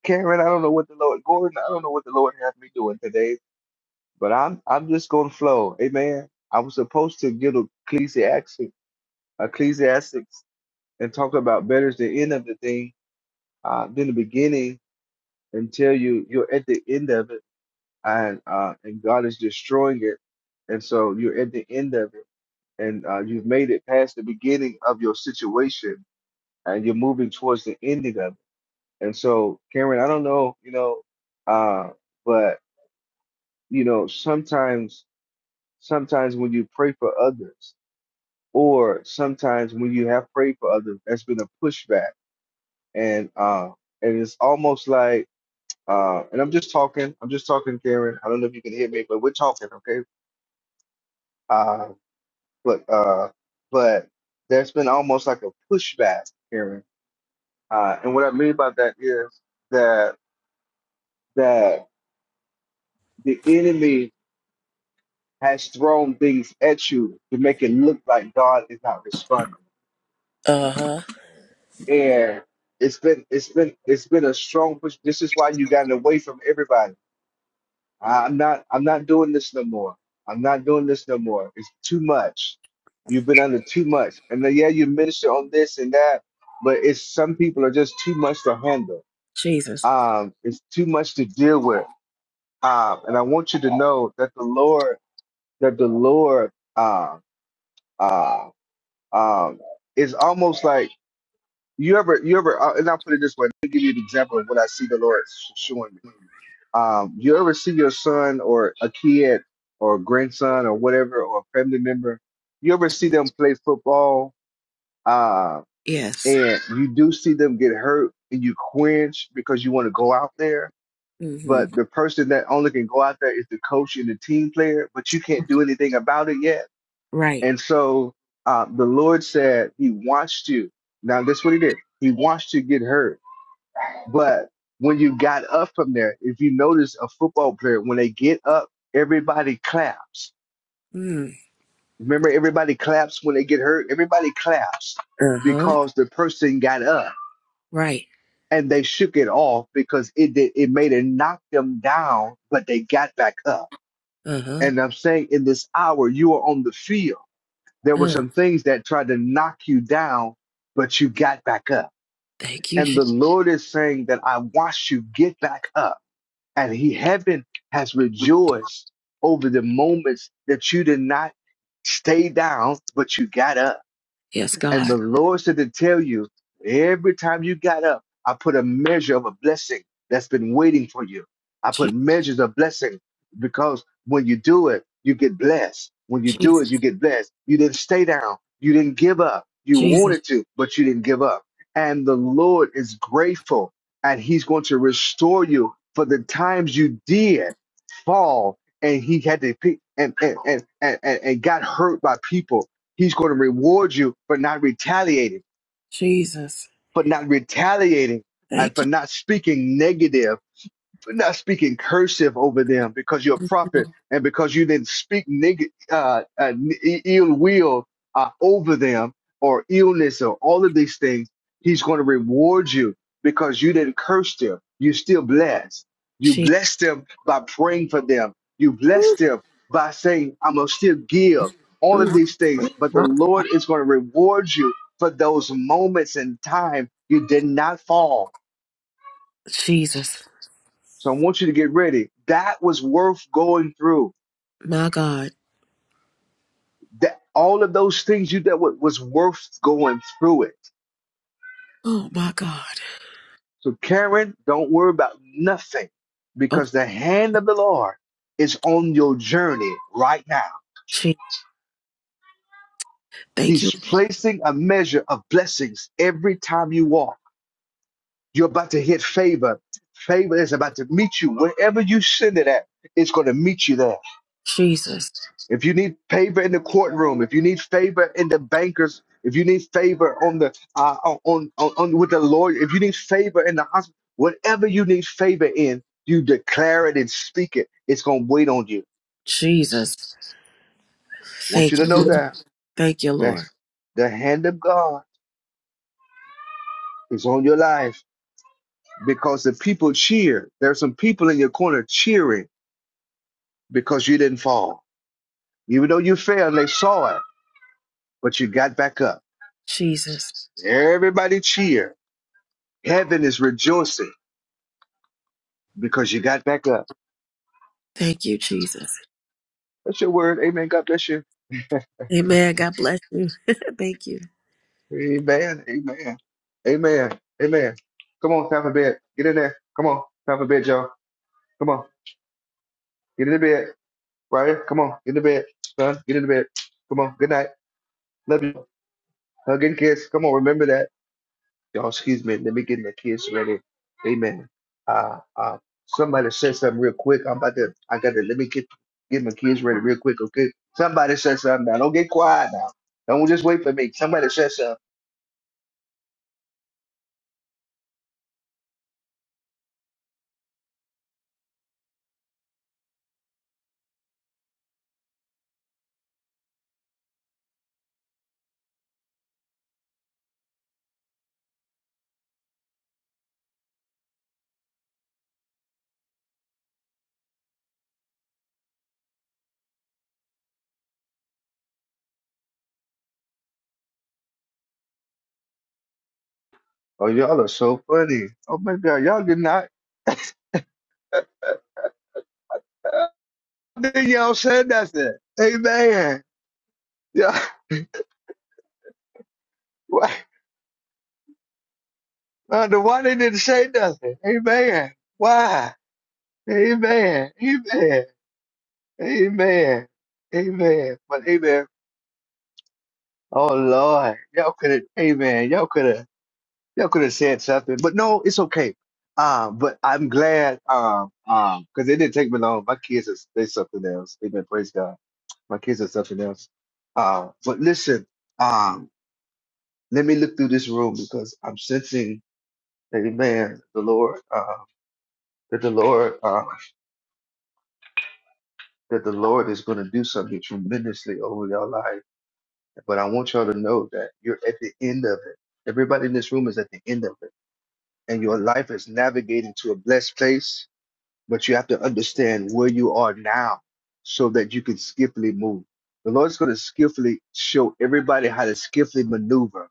Karen, I don't know what the Lord, Gordon, I don't know what the Lord have me doing today, but I'm I'm just gonna flow, Amen. I was supposed to get Ecclesiastes, Ecclesiastics, and talk about better is the end of the thing uh, than the beginning, until you you're at the end of it and uh and God is destroying it and so you're at the end of it and uh you've made it past the beginning of your situation and you're moving towards the ending of it and so Karen I don't know you know uh but you know sometimes sometimes when you pray for others or sometimes when you have prayed for others that's been a pushback and uh and it's almost like Uh, and I'm just talking. I'm just talking, Karen. I don't know if you can hear me, but we're talking, okay? Uh, but uh, but there's been almost like a pushback, Karen. Uh, and what I mean by that is that that the enemy has thrown things at you to make it look like God is not responding. Uh huh. And it's been it's been it's been a strong push. This is why you gotten away from everybody I- I'm not I'm not doing this no more. I'm not doing this no more. It's too much. You've been under too much. And then, yeah, you minister on this and that, but it's some people are just too much to handle. Jesus. Um, it's too much to deal with. Um, and I want you to know that the Lord, that the Lord uh, uh, um is almost like you ever you ever uh, and I'll put it this way, let me give you an example of what I see the Lord sh- showing me Um, you ever see your son or a kid or grandson or whatever or a family member, you ever see them play football uh, Yes. and you do see them get hurt and you quench because you want to go out there, Mm hmm. but the person that only can go out there is the coach and the team player, but you can't do anything about it yet. Right. And so uh, the Lord said He watched you. Now, this is what He did. He watched you get hurt but when you got up from there, if you notice a football player, when they get up, everybody claps. Mm. Remember, everybody claps when they get hurt. Everybody claps Uh huh. because the person got up Right. and they shook it off because it did, it made it knock them down, but they got back up. Uh huh. And I'm saying in this hour, you are on the field. There were Oh, some things that tried to knock you down, but you got back up. thank you. And the Je- Lord is saying that I watched you get back up and he heaven has rejoiced over the moments that you did not stay down but you got up yes, and God. the Lord said to tell you, every time you got up, I put a measure of a blessing that's been waiting for you. I Je- put measures of blessing because when you do it, you get blessed. When you do it, Jesus. you get blessed. You didn't stay down. You didn't give up. You Jesus. wanted to, but you didn't give up. And the Lord is grateful and He's going to restore you for the times you did fall and He had to pick and, and, and, and, and and got hurt by people He's going to reward you for not retaliating, Jesus. for not retaliating, and Thank for not speaking negative we're not speaking cursive over them because you're a prophet you. and because you didn't speak neg- uh, uh, n- i- ill will uh, over them or illness or all of these things. He's going to reward you because you didn't curse them. You still blessed. You Jesus. blessed them by praying for them. You blessed them by saying, I'm going to still give all of Mm. these things. But the My- Lord is going to reward you for those moments in time you did not fall Jesus. so I want you to get ready. That was worth going through. My God. That all of those things you did wa- was worth going through it. Oh, my God. So Karen, don't worry about nothing Oh, because the hand of the Lord is on your journey right now. Je- thank you, He's Lord. placing a measure of blessings every time you walk. You're about to hit favor. Favor is about to meet you wherever you send it at. It's going to meet you there Jesus. if you need favor in the courtroom, if you need favor in the bankers, if you need favor on the uh, on, on on with the lawyer, if you need favor in the hospital, whatever you need favor in, you declare it and speak it. It's gonna wait on you. I Jesus. want you Thank to you, know Lord. that Thank you, that Lord. the hand of God is on your life because the people cheer. There's some people in your corner cheering because you didn't fall, even though you fell. They saw it, but you got back up. Jesus. Everybody cheer. Heaven is rejoicing. because you got back up. Thank you, Jesus. That's your word. Amen. God bless you. Amen. God bless you. *laughs* thank you. Amen. Amen. Amen. Amen. Come on, time for bed. Get in there. Come on, time for bed, y'all. Come on, get in the bed. Right here. Come on, get in the bed. Son, get in the bed. Come on. Good night. Love you. Hug and kiss. Come on. Remember that. Y'all, excuse me. Let me get my kids ready. Amen. Uh, uh, somebody said something real quick. I'm about to. I got to. Let me get get my kids ready real quick. Okay. Somebody said something. Now don't get quiet now. Don't just wait for me. Somebody said something. Oh, y'all are so funny. Oh my God, y'all did not. Uh, then y'all said nothing. Amen. Yeah. *laughs* Why? Wonder why they didn't say nothing. Amen. Why? Amen. Amen. Amen. Amen. But amen. Oh Lord, y'all could have. Amen. Y'all could have. Y'all could have said something. But no, it's okay. Um, but I'm glad. Um, um, because it didn't take me long. My kids, is they something else. Amen. Praise God. My kids are something else. Uh, but listen, um, let me look through this room because I'm sensing, Amen, the Lord, uh, that the Lord, uh, that the Lord is going to do something tremendously over your life. But I want y'all to know that you're at the end of it. Everybody in this room is at the end of it, and your life is navigating to a blessed place but you have to understand where you are now so that you can skillfully move. The Lord's going to skillfully show everybody how to skillfully maneuver,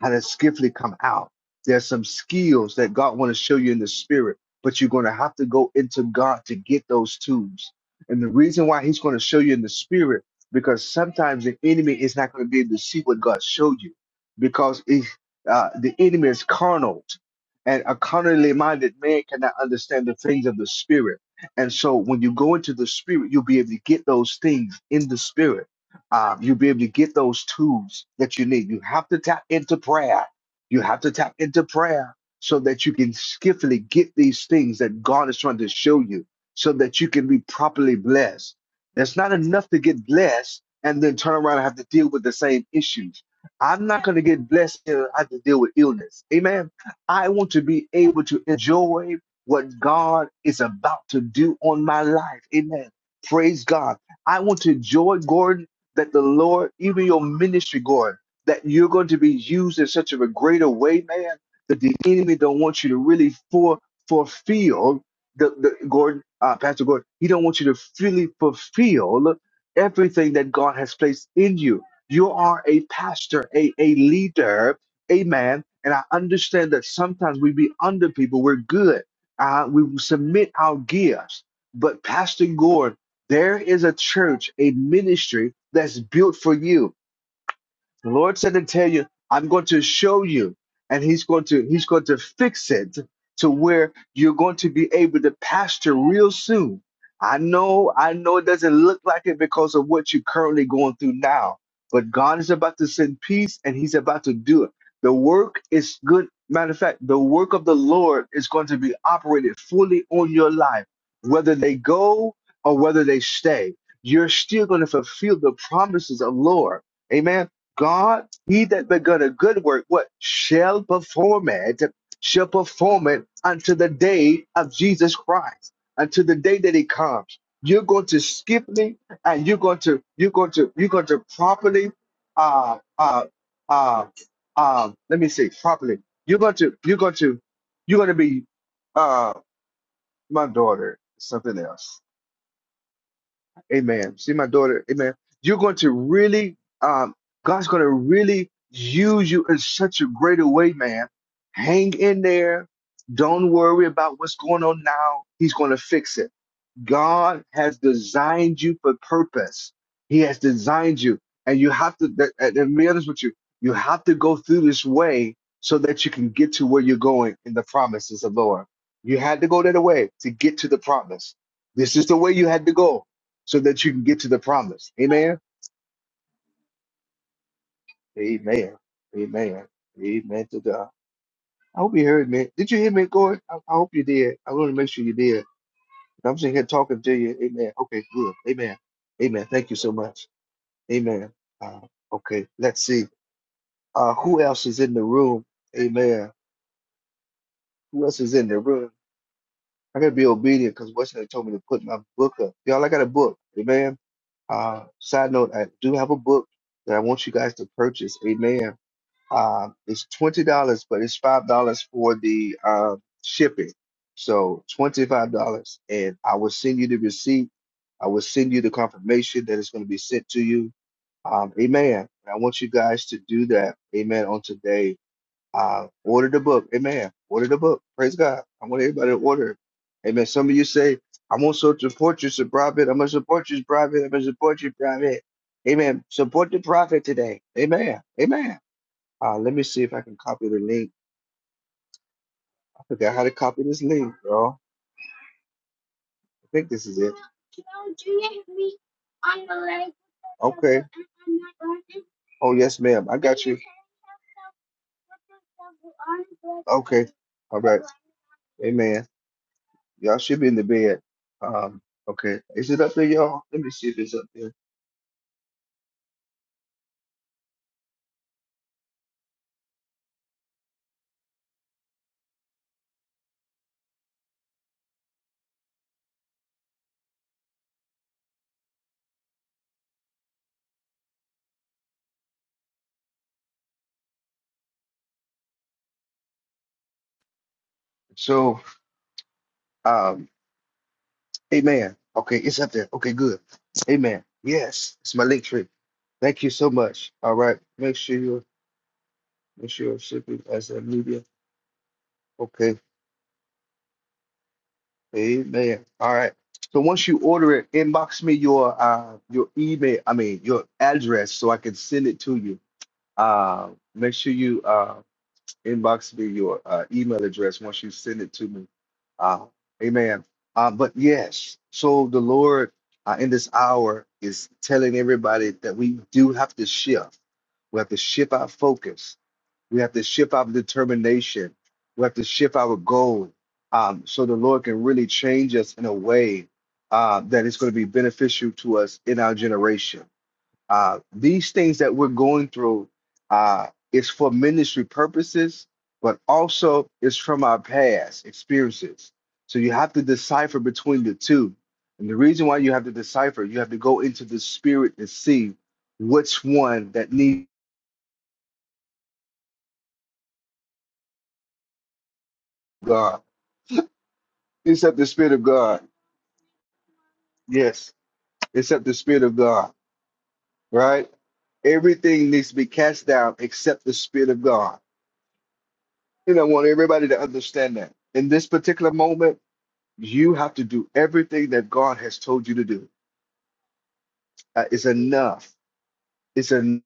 how to skillfully come out. There's some skills that God want to show you in the spirit, but you're going to have to go into God to get those tools. And the reason why He's going to show you in the spirit, because sometimes the enemy is not going to be able to see what God showed you, because it, uh, the enemy is carnal and a carnally minded man cannot understand the things of the spirit. And so when you go into the spirit, you'll be able to get those things in the spirit. Um, you'll be able to get those tools that you need. You have to tap into prayer. You have to tap into prayer so that you can skillfully get these things that God is trying to show you so that you can be properly blessed. It's not enough to get blessed and then turn around and have to deal with the same issues. I'm not going to get blessed and I have to deal with illness. Amen. I want to be able to enjoy what God is about to do on my life. Amen. Praise God. I want to enjoy, Gordon, that the Lord, even your ministry, Gordon, that you're going to be used in such a greater way, man, that the enemy don't want you to really for fulfill the, the Gordon, uh, Pastor Gordon, he don't want you to fully fulfill everything that God has placed in you. You are a pastor, a, a leader, Amen. And I understand that sometimes we be under people. We're good. Uh, we will submit our gifts. But Pastor Gordon, there is a church, a ministry that's built for you. The Lord said to tell you, I'm going to show you, and He's going to He's going to fix it to where you're going to be able to pasture real soon. I know, I know it doesn't look like it because of what you're currently going through now, but God is about to send peace and He's about to do it. The work is good. Matter of fact, the work of the Lord is going to be operated fully on your life, whether they go or whether they stay. You're still going to fulfill the promises of Lord. Amen. God, he that begun a good work, what shall perform it, shall perform it unto the day of Jesus Christ, unto the day that he comes. You're going to skip me and you're going to you're going to you're going to properly uh uh uh um let me say properly. You're going to you're going to you're going to be uh my daughter, something else. Amen. See my daughter. Amen. You're going to really, um, God's going to really use you in such a greater way, man. Hang in there. Don't worry about what's going on now. He's going to fix it. God has designed you for purpose. He has designed you, and you have to. th- And let me be honest with you, you have to go through this way so that you can get to where you're going in the promises of the Lord. You had to go that way to get to the promise. This is the way you had to go so that you can get to the promise. Amen. Amen. Amen. Amen to God. I hope you heard me. Did you hear me, Gordon? I, I hope you did. I want to make sure you did. I'm sitting here talking to you. Amen. Okay, good. Amen. Amen. Thank you so much. Amen. Uh, okay, let's see. Uh, who else is in the room? Amen. Who else is in the room? I gotta be obedient because Washington told me to put my book up. Y'all, I got a book. Amen. Uh, side note, I do have a book that I want you guys to purchase. Amen. Uh, it's twenty dollars, but it's five dollars for the uh, shipping. So twenty-five dollars, and I will send you the receipt. I will send you the confirmation that it's going to be sent to you. Um, amen. And I want you guys to do that. Amen. On today, uh, order the book. Amen. Order the book. Praise God. I want everybody to order. it. Amen. Some of you say, "I want to support you, so private. I'm going to support you, private. I'm going to support you, private." Amen. Support the prophet today. Amen. Amen. Uh, let me see if I can copy the link. I forgot how to copy this link, bro. I think this is it. Okay. Oh, yes, ma'am. I got you. Okay. All right. Amen. Y'all should be in the bed. Um, okay. Is it up there, y'all? Let me see if it's up there. So, um, amen. Okay, it's up there. Okay, good. Amen. Yes, it's my link tree. Thank you so much. All right. Make sure you make sure you're shipping as a media. Okay. Amen. All right. So once you order it, inbox me your uh your email, I mean your address so I can send it to you. Uh make sure you uh inbox me your uh, email address once you send it to me. Uh amen. Uh, but yes, so the Lord uh, in this hour is telling everybody that we do have to shift. We have to shift our focus we have to shift our determination. We have to shift our goal um, so the Lord can really change us in a way uh, that is going to be beneficial to us in our generation. Uh, these things that we're going through uh, is for ministry purposes, but also it's from our past experiences. So you have to decipher between the two. And the reason why you have to decipher, you have to go into the spirit and see which one that needs God. Except the spirit of God Yes, except the Spirit of God, right? Everything needs to be cast down except the Spirit of God. And I want everybody to understand that. In this particular moment, you have to do everything that God has told you to do. Uh, it's enough. It's enough.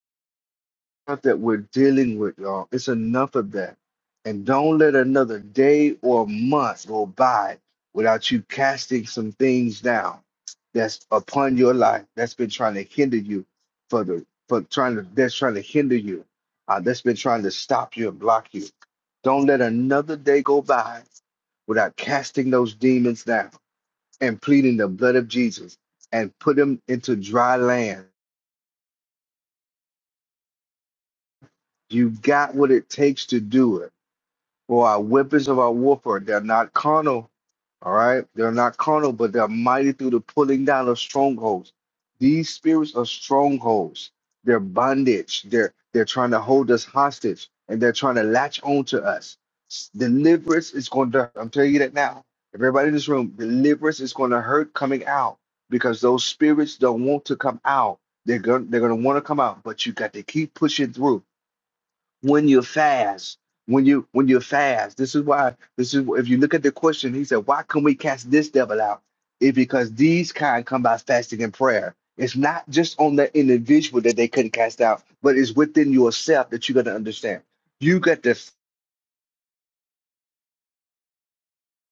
stuff that we're dealing with, y'all. It's enough of that. And don't let another day or month go by without you casting some things down that's upon your life that's been trying to hinder you for the for trying to that's trying to hinder you, uh, that's been trying to stop you and block you. Don't let another day go by without casting those demons down and pleading the blood of Jesus and put them into dry land. You got what it takes to do it For our weapons of our warfare, they're not carnal, all right? They're not carnal, but they're mighty through the pulling down of strongholds. These spirits are strongholds. They're bondage. They're they're trying to hold us hostage and they're trying to latch on to us. S- Deliverance is going to, I'm telling you that now. Everybody in this room, deliverance is going to hurt coming out because those spirits don't want to come out. They're going they're going to want to come out, but you got to keep pushing through when you fast when you when you fast this is why this is if you look at the question he said why can we cast this devil out it's because these kind come by fasting and prayer it's not just on the individual that they couldn't cast out but it's within yourself that you got to understand you got to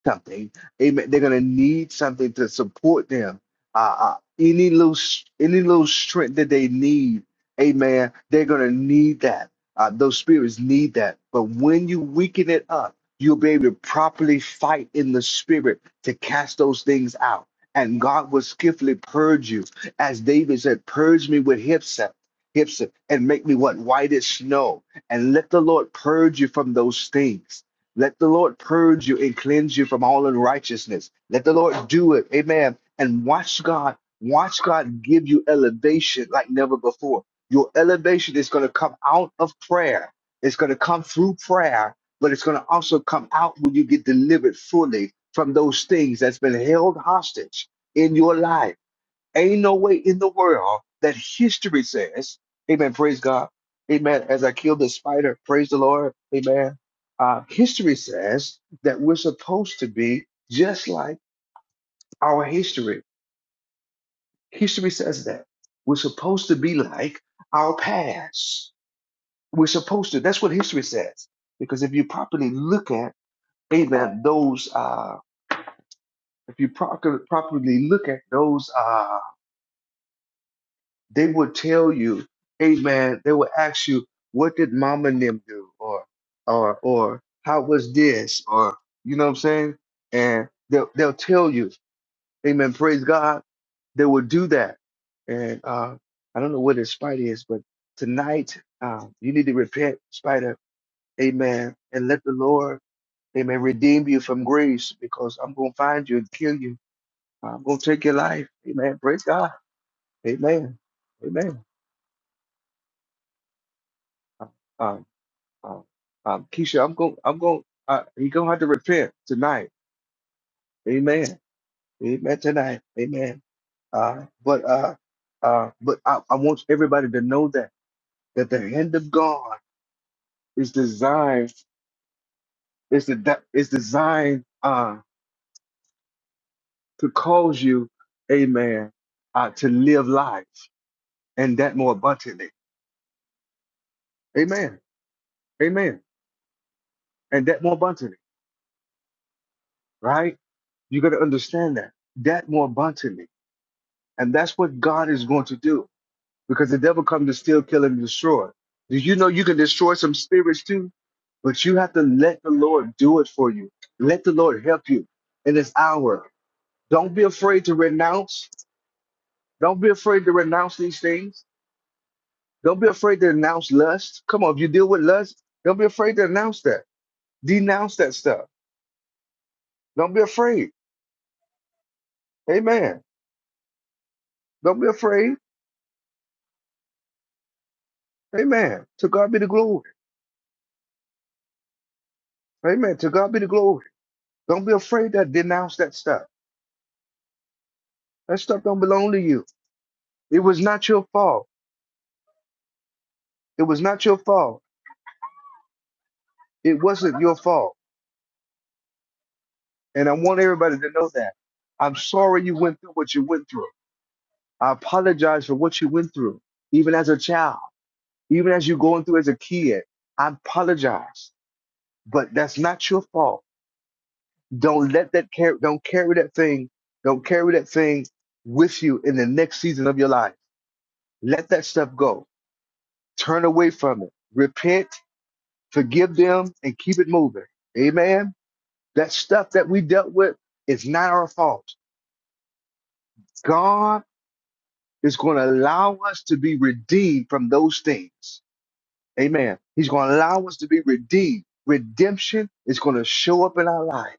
something. Amen. They're gonna need something to support them. Uh, uh, any little, s- any little strength that they need, Amen. They're gonna need that. Uh, those spirits need that. But when you weaken it up, you'll be able to properly fight in the spirit to cast those things out. And God will skillfully purge you, as David said, "Purge me with hyssop, hyssop, and make me what white as snow." And let the Lord purge you from those things let the Lord purge you and cleanse you from all unrighteousness. Let the Lord do it. Amen. And watch God, watch God give you elevation like never before. Your elevation is going to come out of prayer. It's going to come through prayer, but it's going to also come out when you get delivered fully from those things that's been held hostage in your life. Ain't no way in the world that history says, Amen, praise God. Amen. As I killed the spider, praise the Lord. Amen. Uh, history says that we're supposed to be just like our history. History says that. We're supposed to be like our past. We're supposed to. That's what history says. Because if you properly look at, amen, those, uh, if you proper, properly look at those uh, they would tell you, hey man, they would ask you, what did mom and them do? Or or or how was this? Or you know what I'm saying? And they'll they'll tell you, Amen, praise God. They will do that. And uh I don't know where this spider is, but tonight um you need to repent, spider, amen, and let the Lord, amen, redeem you from grace because I'm gonna find you and kill you. I'm gonna take your life. Amen. Praise God. Amen. Amen. Um, Um, um, Keisha, I'm going. I'm going. Uh, you're gonna have to repent tonight. Amen. Amen tonight. Amen. Uh, but uh, uh, but I, I want everybody to know that that the hand of God is designed is the de- designed uh to cause you, Amen, uh, to live life and that more abundantly. Amen. Amen. And that more abundantly. Right? You got to understand that that more abundantly, and that's what God is going to do. because the devil comes to steal, kill, and destroy. Do you know you can destroy some spirits too? But you have to let the Lord do it for you. Let the Lord help you in this hour. Don't be afraid to renounce. Don't be afraid to renounce these things. Don't be afraid to announce lust. Come on, if you deal with lust, don't be afraid to announce that. Denounce that stuff. Don't be afraid. Amen. Don't be afraid. Amen. To God be the glory. Amen. To God be the glory. Don't be afraid to denounce that stuff. That stuff don't belong to you. It was not your fault. It was not your fault. It wasn't your fault. And I want everybody to know that. I'm sorry you went through what you went through. I apologize for what you went through, even as a child, even as you're going through as a kid. I apologize, but that's not your fault. Don't let that carry, don't carry that thing, don't carry that thing with you in the next season of your life. Let that stuff go. Turn away from it. Repent, forgive them, and keep it moving. Amen. That stuff that we dealt with is not our fault. God is going to allow us to be redeemed from those things. Amen. He's going to allow us to be redeemed. Redemption is going to show up in our life.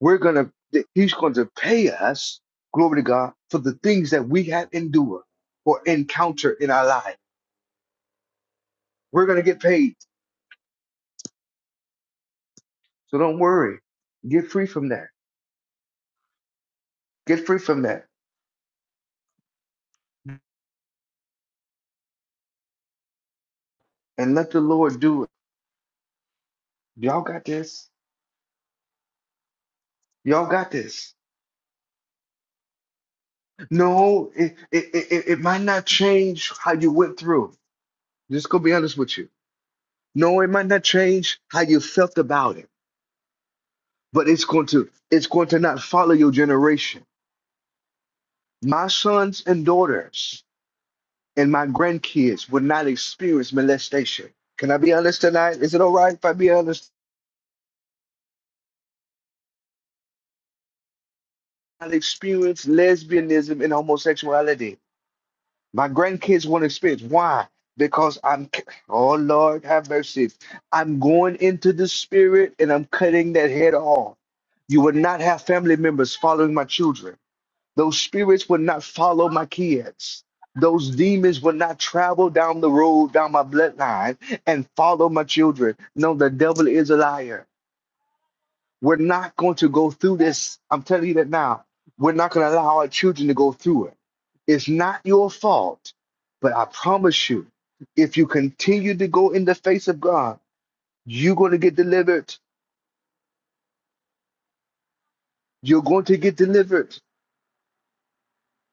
We're going to, th- He's going to pay us, glory to God, for the things that we have endured or encountered in our life. We're going to get paid. So don't worry. Get free from that. Get free from that and let the Lord do it. Y'all got this. Y'all got this. No, it, it it it might not change how you went through. Just gonna be honest with you. No, it might not change how you felt about it, but it's going to it's going to not follow your generation. My sons and daughters and my grandkids will not experience molestation. Can I be honest tonight? Is it all right if I be honest? I experience lesbianism and homosexuality. My grandkids won't experience. Why? Because I'm, c- oh Lord, have mercy. I'm going into the spirit and I'm cutting that head off. You will not have family members following my children. Those spirits will not follow my kids. Those demons will not travel down the road, down my bloodline, and follow my children. No, the devil is a liar. We're not going to go through this. I'm telling you that now. We're not going to allow our children to go through it. It's not your fault, but I promise you, if you continue to go in the face of God, you're going to get delivered. You're going to get delivered.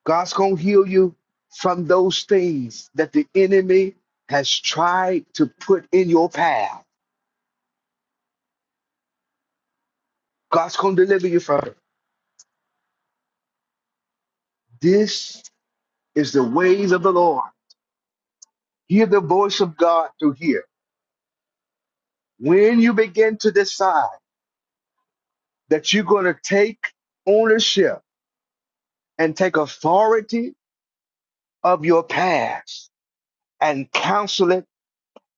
God's going to heal you from those things that the enemy has tried to put in your path. God's going to deliver you from it. This is the ways of the Lord. Hear the voice of God through here. When you begin to decide that you're going to take ownership and take authority of your past and counsel it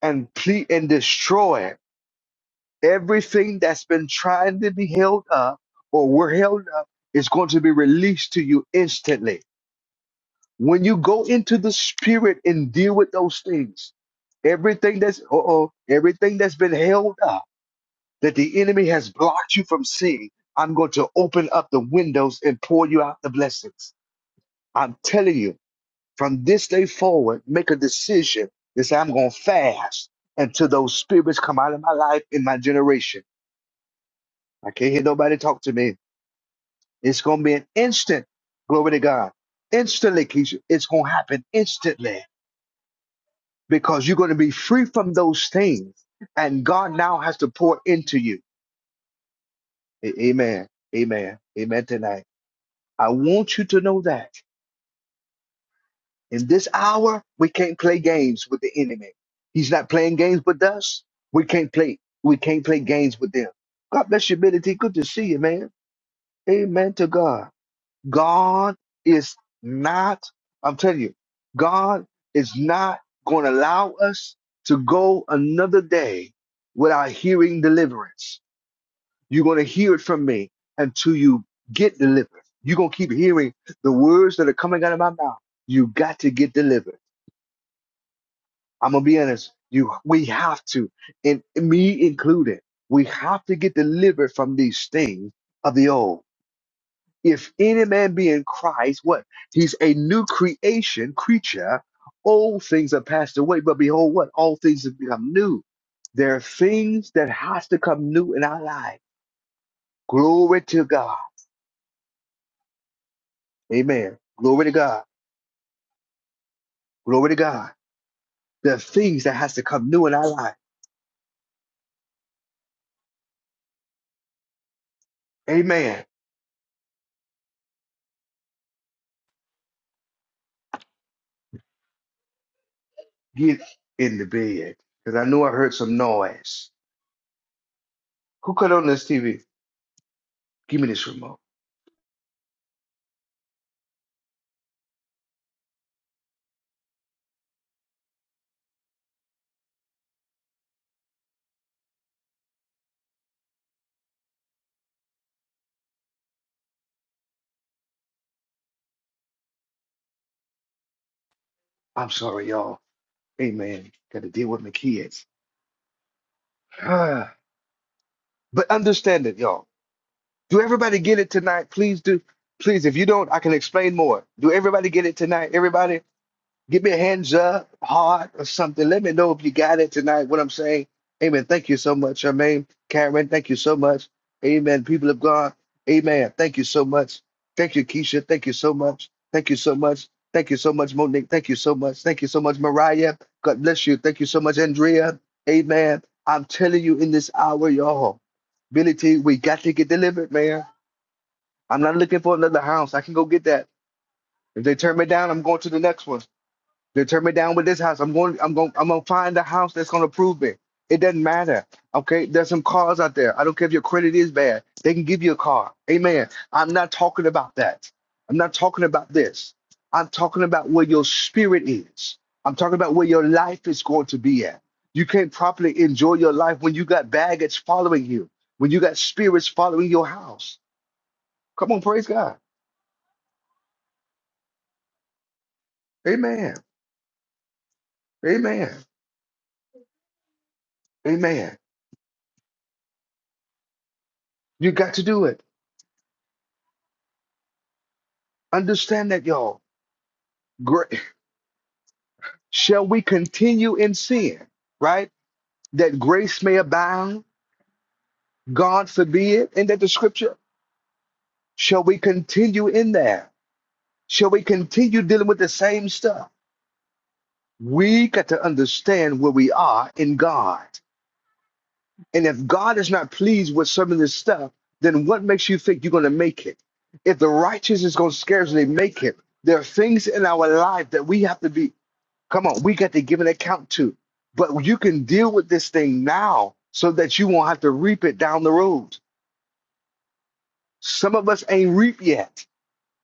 and plead and destroy it, everything that's been trying to be held up or were held up is going to be released to you instantly. When you go into the spirit and deal with those things, everything that's uh oh, everything that's been held up that the enemy has blocked you from seeing, I'm going to open up the windows and pour you out the blessings. I'm telling you, from this day forward, make a decision to say, I'm going to fast until those spirits come out of my life in my generation. I can't hear nobody talk to me. It's going to be an instant, glory to God. Instantly, Keisha, it's going to happen instantly because you're going to be free from those things. And God now has to pour into you. A- Amen. Amen. Amen tonight. I want you to know that in this hour, we can't play games with the enemy. He's not playing games with us. We can't play, we can't play games with them. God bless you, Billy T. Good to see you, man. Amen to God. God is not, I'm telling you, God is not going to allow us to go another day without hearing deliverance. You're going to hear it from me until you get delivered. You're going to keep hearing the words that are coming out of my mouth. You got to get delivered. I'm going to be honest. You, we have to, and me included, we have to get delivered from these things of the old. If any man be in Christ, what? He's a new creation, creature. Old things are passed away, but behold, what? All things have become new. There are things that has to come new in our life. Glory to God. Amen. Glory to God. Glory to God. The things that has to come new in our life. Amen. Get in the bed. Because I knew I heard some noise. Who cut on this TV? Give me this remote. I'm sorry, y'all. Amen. Got to deal with my kids. Ah. but understand it, y'all. Do everybody get it tonight? Please do. Please, if you don't, I can explain more. Do everybody get it tonight? Everybody. Give me a hands up, heart, or something. Let me know if you got it tonight, what I'm saying. Amen. Thank you so much, Charmaine. Karen, thank you so much. Amen. People of God, amen. Thank you so much. Thank you, Keisha. Thank you so much. Thank you so much. Thank you so much, Monique. Thank you so much. Thank you so much, Mariah. God bless you. Thank you so much, Andrea. Amen. I'm telling you in this hour, y'all, Billy T, we got to get delivered, man. I'm not looking for another house. I can go get that. If they turn me down, I'm going to the next one. They turn me down with this house. I'm going. I'm going. I'm going to find a house that's going to approve me. It doesn't matter. Okay. There's some cars out there. I don't care if your credit is bad. They can give you a car. Amen. I'm not talking about that. I'm not talking about this. I'm talking about where your spirit is. I'm talking about where your life is going to be at. You can't properly enjoy your life when you got baggage following you, when you got spirits following your house. Come on, praise God. Amen. Amen. Amen. You got to do it. Understand that, y'all. Gra- shall we continue in sin, right? That grace may abound, God forbid, and that the scripture, shall we continue in there? Shall we continue dealing with the same stuff? We got to understand where we are in God. And if God is not pleased with some of this stuff, then what makes you think you're going to make it? If the righteous is going to scarcely make it, there are things in our life that we have to be Come on, we got to give an account to. But you can deal with this thing now so that you won't have to reap it down the road. Some of us ain't reap yet,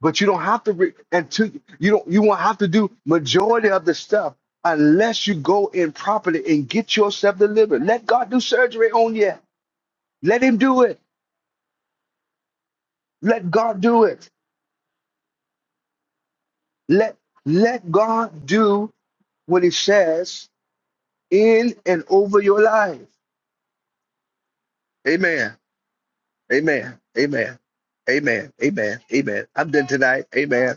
but you don't have to reap until you don't you won't have to do majority of the stuff unless you go in properly and get yourself delivered. Let God do surgery on you. Let him do it. Let God do it. Let let God do what he says in and over your life. Amen. Amen. Amen. Amen. Amen. Amen. I'm done tonight. Amen.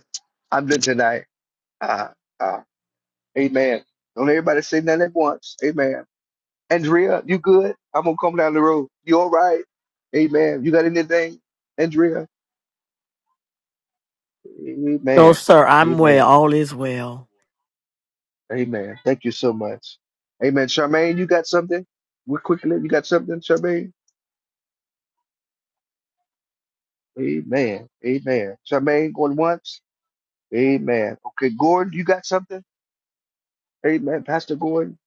I'm done tonight. Uh, uh, amen. Don't everybody say nothing at once. Amen. Andrea, you good? I'm gonna come down the road. You all right? Amen. You got anything, Andrea? No, Amen. sir. I'm well. Amen. All is well. Amen. Thank you so much. Amen. Charmaine, you got something? We quickly, you got something, Charmaine? Amen. Amen. Charmaine going once. Amen. Okay, Gordon, you got something? Amen. Pastor Gordon,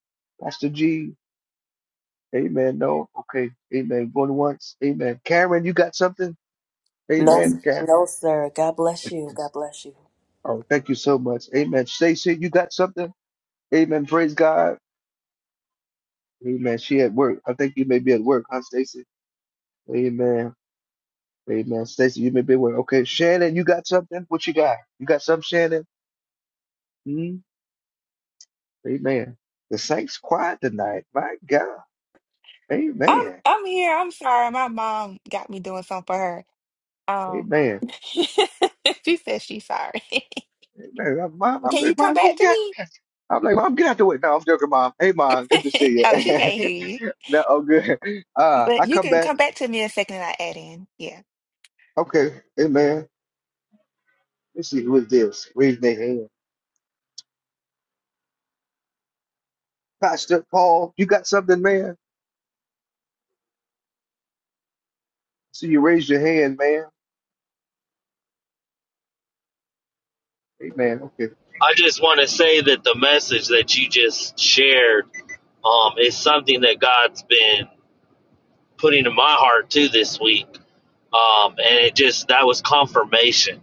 Pastor G. Amen. No. Okay. Amen. Going once. Amen. Karen, you got something? No, Amen. Karen. no, sir. God bless you. God bless you. Oh, thank you so much. Amen. Stacy, you got something? Amen. Praise God. Amen. She at work. I think you may be at work, huh, Stacy? Amen. Amen. Stacy, you may be at work. Okay. Shannon, you got something? What you got? You got something, Shannon? hmm Amen. The saints quiet tonight. My God. I'm Amen. I'm here. I'm sorry. My mom got me doing something for her. Um, Amen. *laughs* she says she's sorry. *laughs* Amen. I'm, I'm, I'm, Can you am come i back gonna to get. I'm like, Mom, get out the way. No, I'm joking, Mom. Hey, Mom, good to me? *laughs* see oh, she can't you. hear you, *laughs* no, I'm good. Uh, but I you come can back. come back to me in a second and I add in. yeah. Okay, hey, man. Let's see who is this. Raise their hand. Pastor Paul, you got something, man? See, you raised your hand, man. Hey, man. Okay. I just want to say that the message that you just shared um, is something that God's been putting in my heart too this week. Um, and it just, that was confirmation.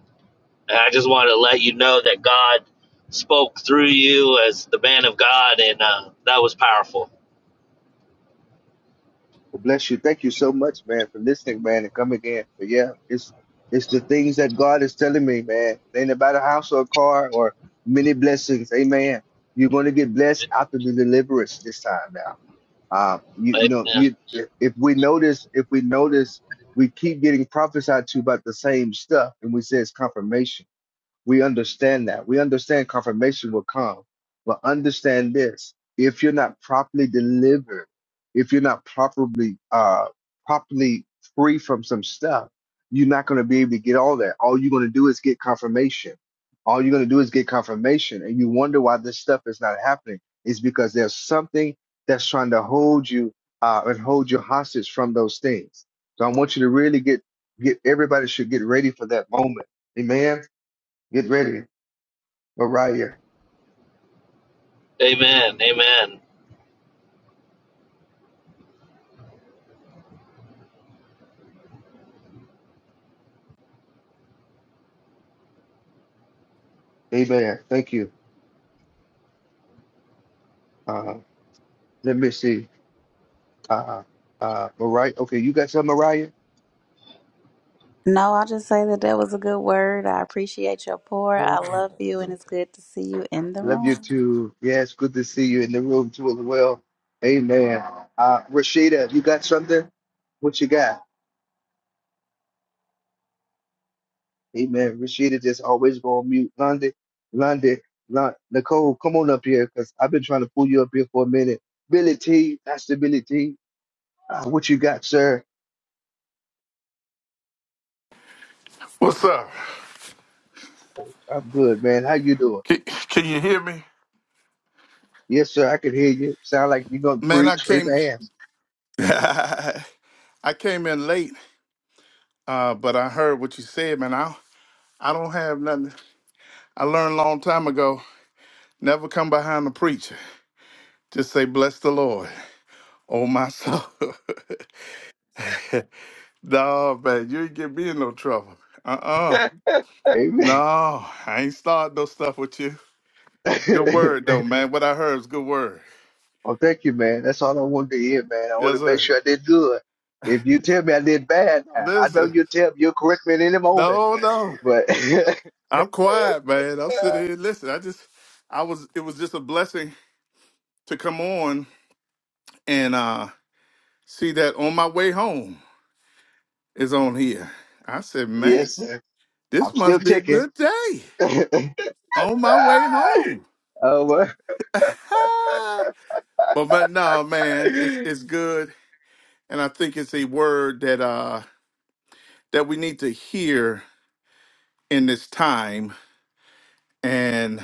And I just want to let you know that God spoke through you as the man of God, and uh, that was powerful. Well, bless you. Thank you so much, man, for listening, man, and coming in. But yeah, it's it's the things that God is telling me, man. It ain't about a house or a car or many blessings. Amen. You're going to get blessed after the deliverance this time now. Uh, you you know Amen. you if if we notice if we notice we keep getting prophesied to about the same stuff, and we say it's confirmation we understand that. We understand confirmation will come. But understand this if you're not properly delivered, if you're not properly uh properly free from some stuff, you're not gonna be able to get all that. All you're gonna do is get confirmation. All you're gonna do is get confirmation and you wonder why this stuff is not happening. Is because there's something that's trying to hold you uh and hold you hostage from those things. So I want you to really get get everybody should get ready for that moment. Amen Get ready, Mariah. Amen. Amen. Amen. Thank you. Uh, let me see. Uh, uh, Mariah. Okay, you got some, Mariah? No, I'll just say that that was a good word. I appreciate your pour. I Love love you, and it's good to see you in the you room. too. Yes, good to see you in the room too as well. Amen. Uh, Rashida, you got something? What you got? Amen. Rashida just always go on mute. London, London, Lon- Nicole, come on up here because I've been trying to pull you up here for a minute. Billy T, Pastor Billy T, uh, what you got, sir? What's up? I'm good, man. How you doing? Can, can you hear me? Yes, sir, I can hear you. Sound like you're gonna Man, I preach. came Amen. *laughs* I came in late, uh, but I heard what you said, man. I I don't have nothing. I learned a long time ago, never come behind the preacher. Just say, bless the Lord. Oh my soul. *laughs* no, man, you ain't get me in no trouble. Uh-uh. Amen. No, I ain't start no stuff with you. Good *laughs* word though, man. What I heard is good word. well, thank you, man. That's all I wanted to hear, man. I want Yes, to make sir. sure I did good. If you tell me I did bad, now, I know Listen. you'll tell you'll correct me at any moment. No, no. But *laughs* I'm quiet, man. I'm sitting here listening. I just, I was, it was just a blessing to come on and uh see that on my way home is on here. I said, man, yes, sir. I'm this still must be a ticking. good day *laughs* oh, on my way home. well. *laughs* but but no, man, it's it's good, and I think it's a word that uh that we need to hear in this time, and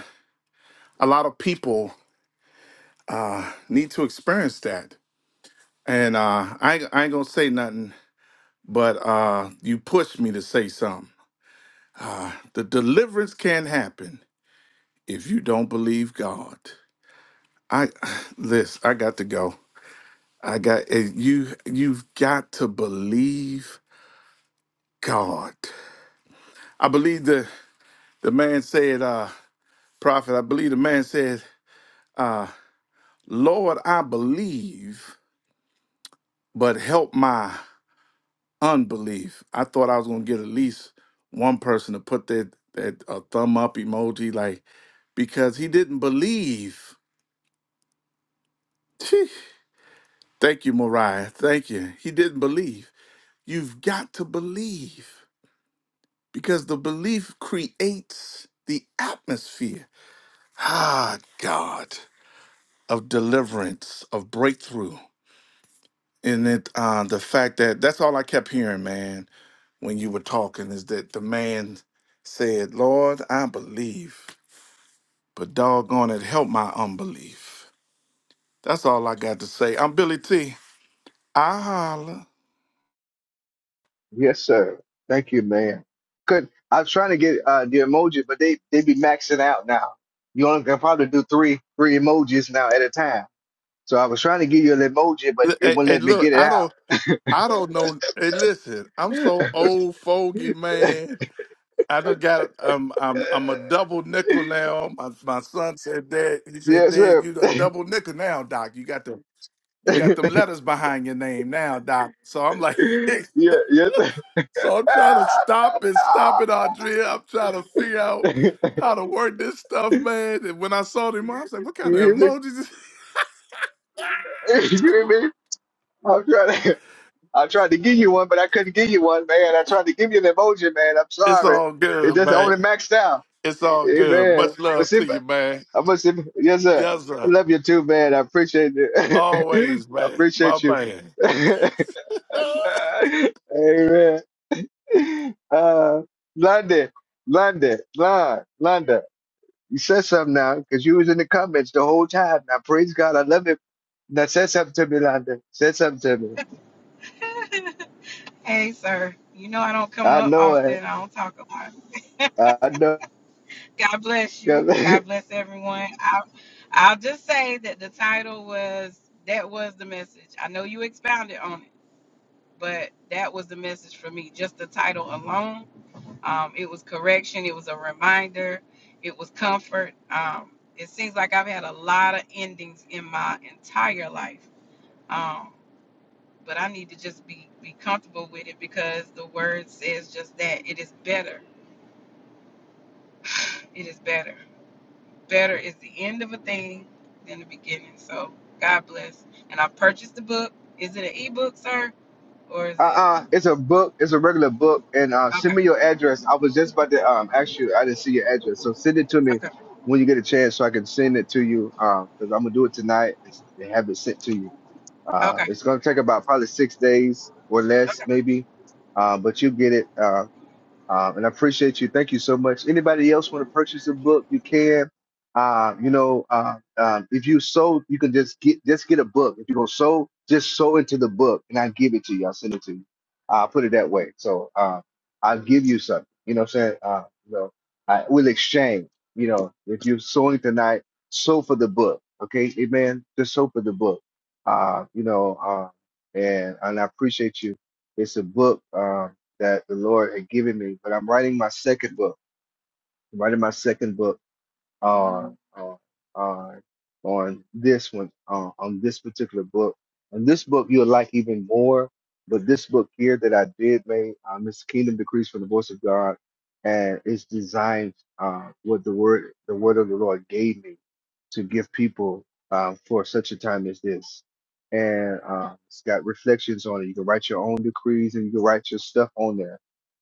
a lot of people uh need to experience that. And uh, I ain't, I ain't gonna say nothing but uh, you pushed me to say something. The deliverance can't happen if you don't believe God. I *sighs* this I got to go. I got eh, you. You've got to believe God. I believe the the man said, uh, prophet. I believe the man said, uh, Lord, I believe, but help my unbelief. I thought I was gonna get at least one person to put that that uh, thumb up emoji, like because he didn't believe. Phew. Thank you, Mariah. Thank you. He didn't believe. You've got to believe because the belief creates the atmosphere. Ah, God, of deliverance, of breakthrough, and it uh, the fact that that's all I kept hearing, man when you were talking is that the man said, Lord, I believe, but doggone it, help my unbelief. That's all I got to say. I'm Billy T. I holler. L- yes, sir. Thank you, man. Good. I was trying to get uh, the emoji, but they they be maxing out now. You only can probably do three three emojis now at a time. So I was trying to give you an emoji, but it Hey, wouldn't hey, let me look, get it I out. don't I don't know. Hey, listen, I'm so old fogey, *laughs* man. I do got um I'm I'm a double nickel now. My my son said, Dad, he said, yes, Dad, sir. you a double nickel now, Doc. You got the you *laughs* got them letters behind your name now, Doc. So I'm like *laughs* yeah, yes, sir. So I'm trying to stop it, stop it, Andrea. I'm trying to figure *laughs* out how to work this stuff, man. And when I saw them, I was like, what you kind of hear me? *laughs* emojis? is-" You hear me? I'm trying to. I tried to give you one, but I couldn't give you one, man. I tried to give you an emoji, man. I'm *laughs* It's sorry. all It good, just man. only maxed out. It's all good. Amen. Much I'm a love to simp. you, man. I'm a simp. Yes, sir. Yes, I sir. love you too, man. I appreciate it. *laughs* I Always, man. My appreciate you. man. *laughs* *laughs* Amen. *laughs* uh, London, London, Lon, London. You said something now because you was in the comments the whole time. Now praise God, I love it. Now say something to me, London. Say something to me. *laughs* Hey, sir. You know I don't come I up know it. often. I don't talk a lot. I know. God bless you. uh God bless everyone. I'll, I'll just say that the title was that was the message. I know you expounded on it, but that was the message for me. Just the title alone. Um, it was correction. It was a reminder. It was comfort. Um, it seems like I've had a lot of endings in my entire life. Um, but I need to just be be comfortable with it because the word says just that it is better. It is better. Better is the end of a thing than the beginning. So God bless. And I purchased the book. Is it an ebook, sir, or is it uh, *laughs* it's a book. It's a regular book. And uh, send okay? me your address. I was just about to um ask you. I didn't see your address, so send it to me Okay. when you get a chance, so I can send it to you. Um, because I'm gonna do it tonight and s- and have it sent to you. Uh, Okay. it's going to All take right. about probably six days or less, Okay. maybe, uh, but you get it. Uh, um, and I appreciate you. Thank you so much. Anybody else want to purchase a book? You can. Uh, you know, uh, um, if you sow, you can just get just get a book. If you're gonna sow, just sow into the book, and I give it to you. I'll send it to you. I'll put it that way. So uh, I'll give you something. You know what I'm saying? Uh, you know, I will exchange. You know, if you're sowing tonight, sow for the book. Okay, Amen. Just sow for the book. Uh, you know, uh, and and I appreciate you. It's a book. Um, that the Lord had given me. But I'm writing my second book. I'm writing my second book on on on on this one on on this particular book. And this book you'll like even more. But this book here that I did make, um, it's Kingdom Decrees from the Voice of God, and it's designed uh, what the word the word of the Lord gave me to give people uh, for such a time as this. And uh, it's got reflections on it. You can write your own decrees and you can write your stuff on there.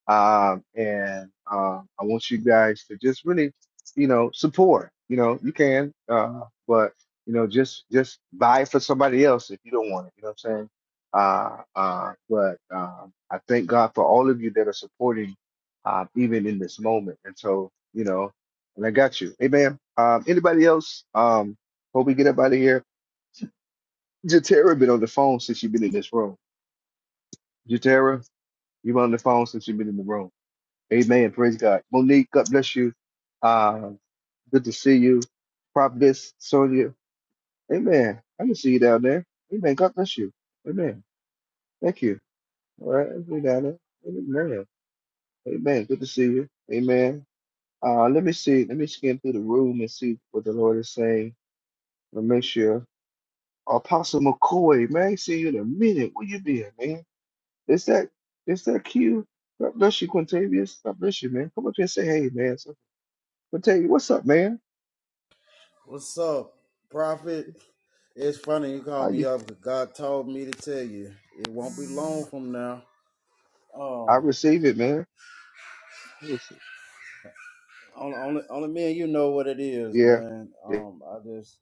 Um, and uh, I want you guys to just really, you know, support. You know, you can, uh, but you know, just just buy it for somebody else if you don't want it. You know what I'm saying? Uh, uh, but um, I thank God for all of you that are supporting, uh, even in this moment. And so, you know, and I got you. Amen. Um, anybody else? Um, hope we get up out of here. Jatera been on the phone since you've been in this room. Jatera, you've been on the phone since you've been in the room. Amen. Praise God. Monique, God bless you. Uh, good to see you. Prophetess Sonia. Amen. I can see you down there. Amen. God bless you. Amen. Thank you. All right. I'll be down there. Amen. Amen. Good to see you. Amen. Uh, let me see. Let me scan through the room and see what the Lord is saying. Let me make sure. Apostle McCoy, man, I ain't seen you in a minute. Where you been, man? Is that is that Q? God bless you, Quintavious. God bless you, man. Come up here and say hey, man. So, Quintavious, what's up, man? What's up, Prophet? It's funny you How called me you? up because God told me to tell you. It won't be long from now. I Um, receive it, man. What's- only, only, only me and you know what it is, Yeah, man. yeah. Um, I just,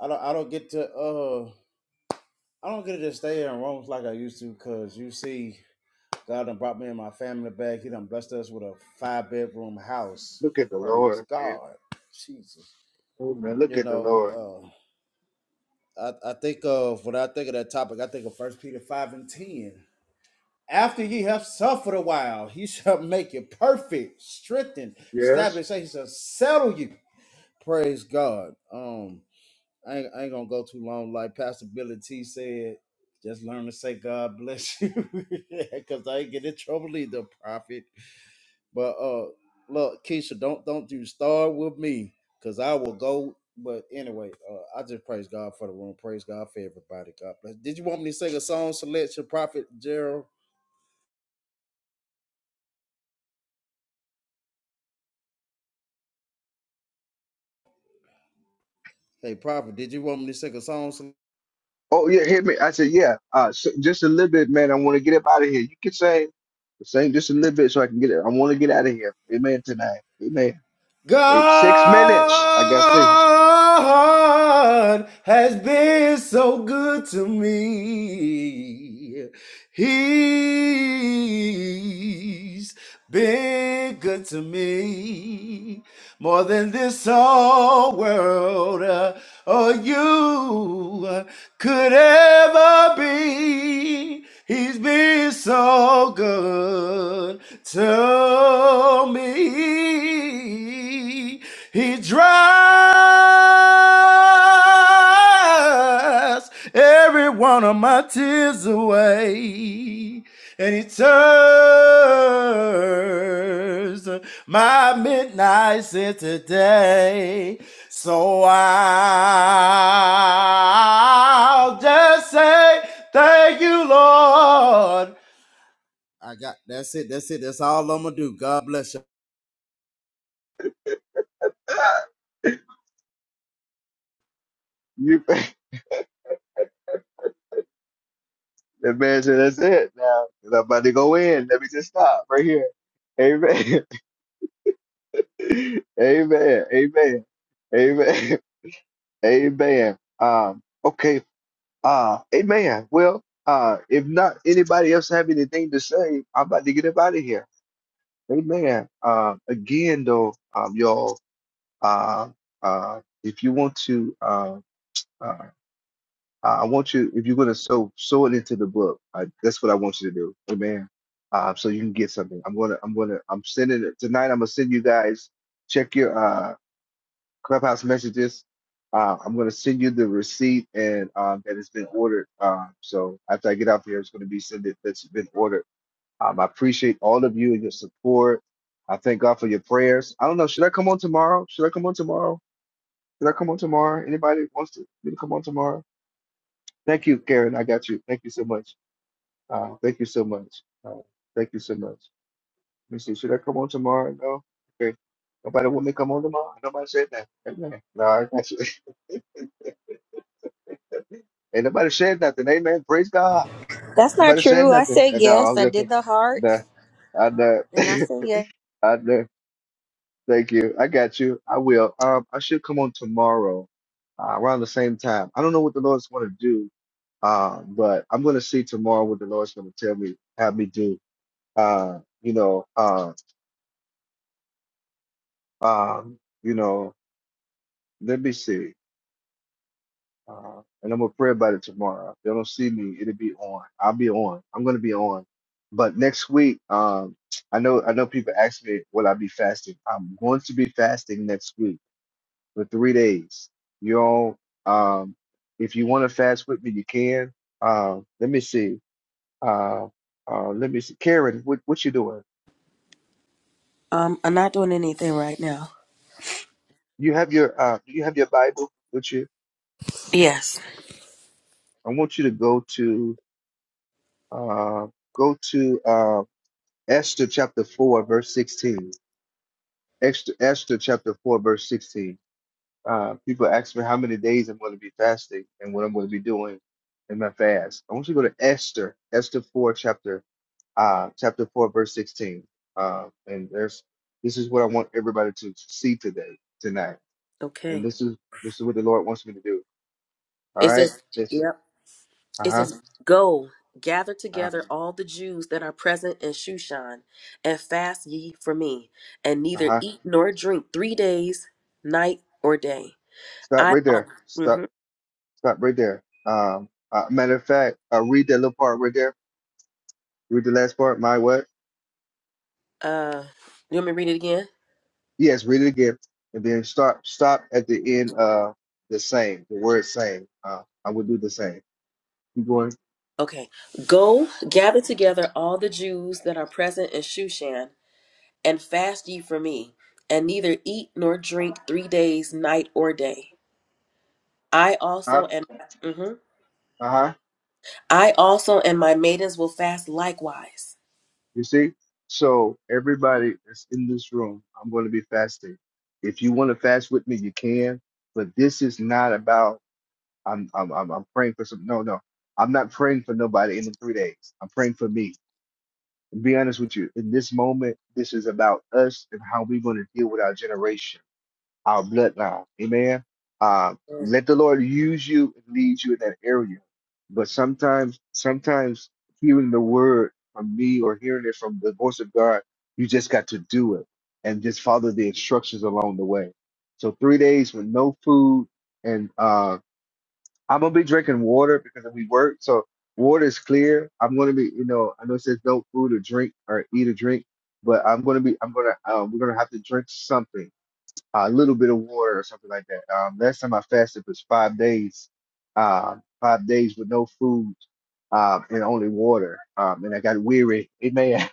I don't, I don't get to, uh, I don't get to just stay here in Rome like I used to, cause you see, God done brought me and my family back. He done blessed us with a five bedroom house. Look at the Praise Lord, man. God, Jesus. Oh man, look You at the Lord. know, uh, I, I think of when I think of that topic, I think of First Peter five and ten After ye have suffered a while, he *laughs* shall make you perfect, strengthened, Yes. establish. He shall settle you. Praise God. Um, I ain't, I ain't gonna go too long. Like Pastor Billy T said, just learn to say God bless you, *laughs* because I ain't get in trouble either, prophet. But uh, look, Keisha, don't don't you start with me, because I will go. But anyway, uh, I just praise God for the room. Praise God for everybody. God bless. Did you want me to sing a song selection, Prophet Gerald? Hey, Prophet, did you want me to sing a song? some- Oh yeah, hit me. I said yeah. Uh, so just a little bit, man. I want to get up out of here. You can sing, sing just a little bit so I can get it. I want to get out of here. Amen tonight. Amen. Wait, six minutes. I got six. God has been so good to me. He's been good to me more than this whole world uh, or you uh, could ever be. He's been so good to me. He dries every one of my tears away. And he turns my midnights into day. So I'll just say thank you, Lord. I got that's it. That's it. That's all I'm gonna do. God bless you. *laughs* You *laughs* That man said, that's it now. 'cause I'm about to go in. Let me just stop right here. Amen. *laughs* Amen. Amen. Amen. *laughs* Amen. Um, okay. Uh, amen. Well, uh, if not anybody else have anything to say, I'm about to get up out of here. Amen. Um, again though, um, y'all, uh, uh, if you want to, Uh. uh, Uh, I want you, if you're going to sow, sow it into the book. I, that's what I want you to do. Amen. Uh, so you can get something. I'm gonna, I'm gonna, I'm sending it tonight. I'm gonna send you guys. Check your uh, clubhouse messages. Uh, I'm gonna send you the receipt and um, that has been ordered. Uh, so after I get out there, it's gonna be sent that- that's been ordered. Um, I appreciate all of you and your support. I thank God for your prayers. I don't know. Should I come on tomorrow? Should I come on tomorrow? Should I come on tomorrow? Anybody wants to, me to come on tomorrow? Thank you, Karen. I got you. Thank you so much. Uh, thank you so much. Uh, thank you so much. Let me see. Should I come on tomorrow? No. Okay. Nobody want me to come on tomorrow. Nobody said that. Amen. No, I got you. *laughs* Ain't nobody said nothing. Amen. Praise God. That's not Nobody said true. I nothing. said And no, yes. I'm I did joking. the Nah, hearts, I know. and I *laughs* said yes. I know. Thank you. I got you. I will. Um, I should come on tomorrow, uh, around the same time. I don't know what the Lord's going to do. Um, but I'm going to see tomorrow what the Lord's going to tell me, have me do. Uh, you know, uh, um, you know, let me see. Uh, and I'm gonna pray about it tomorrow. If they don't see me, it'll be on. I'll be on. I'm gonna be on. But next week, um, I know I know people ask me, will I be fasting? I'm going to be fasting next week for three days. You all, um, if you want to fast with me, you can. Uh, let me see. Uh, uh, let me see. Karen, what what you doing? Um, I'm not doing anything right now. You have your uh, do you have your Bible with you. Yes. I want you to go to Uh, go to uh, Esther chapter 4, verse 16. Esther, Esther chapter 4, verse 16. Uh, people ask me how many days I'm going to be fasting and what I'm going to be doing in my fast. I want you to go to Esther, Esther 4, chapter uh, chapter 4, verse 16. Uh, and there's this is what I want everybody to see today, tonight. And Okay. this is this is what the Lord wants me to do. All It right, says, just yep. uh It huh, says, go gather uh together all the Jews that are present in Shushan, and fast ye for me, and neither huh. eat nor drink three days, night or day. Stop I. right um, there. Stop. Mm-hmm. Stop right there. Um, uh, matter of fact, uh, read that little part right there. Read the last part. My what? Uh, you want me to read it again? Yes, read it again, and then stop. Stop at the end. of the same. The word same. Uh, I would do the same. You going? Okay. Go gather together all the Jews that are present in Shushan and fast ye from me, and neither eat nor drink three days, night or day. I Huh? also and mhm. Uh huh. I also and my maidens will fast likewise. You see? So everybody that's in this room, I'm going to be fasting. If you want to fast with me, you can. But this is not about. I'm. I'm. I'm, I'm praying for some. No. No. I'm not praying for nobody in the three days. I'm praying for me. To be honest with you, in this moment, this is about us and how we're going to deal with our generation, our bloodline. Amen. Uh, let the Lord use you and lead you in that area. But sometimes, sometimes hearing the word from me or hearing it from the voice of God, you just got to do it and just follow the instructions along the way. So three days with no food and uh, I'm gonna be drinking water because we work, so water is clear. I'm gonna be, you know, I know it says no food or drink or eat or drink, but I'm gonna be, I'm gonna, um, we're gonna have to drink something, a little bit of water or something like that. Um, last time I fasted was five days, um, five days with no food, um, and only water, um, and I got weary, amen.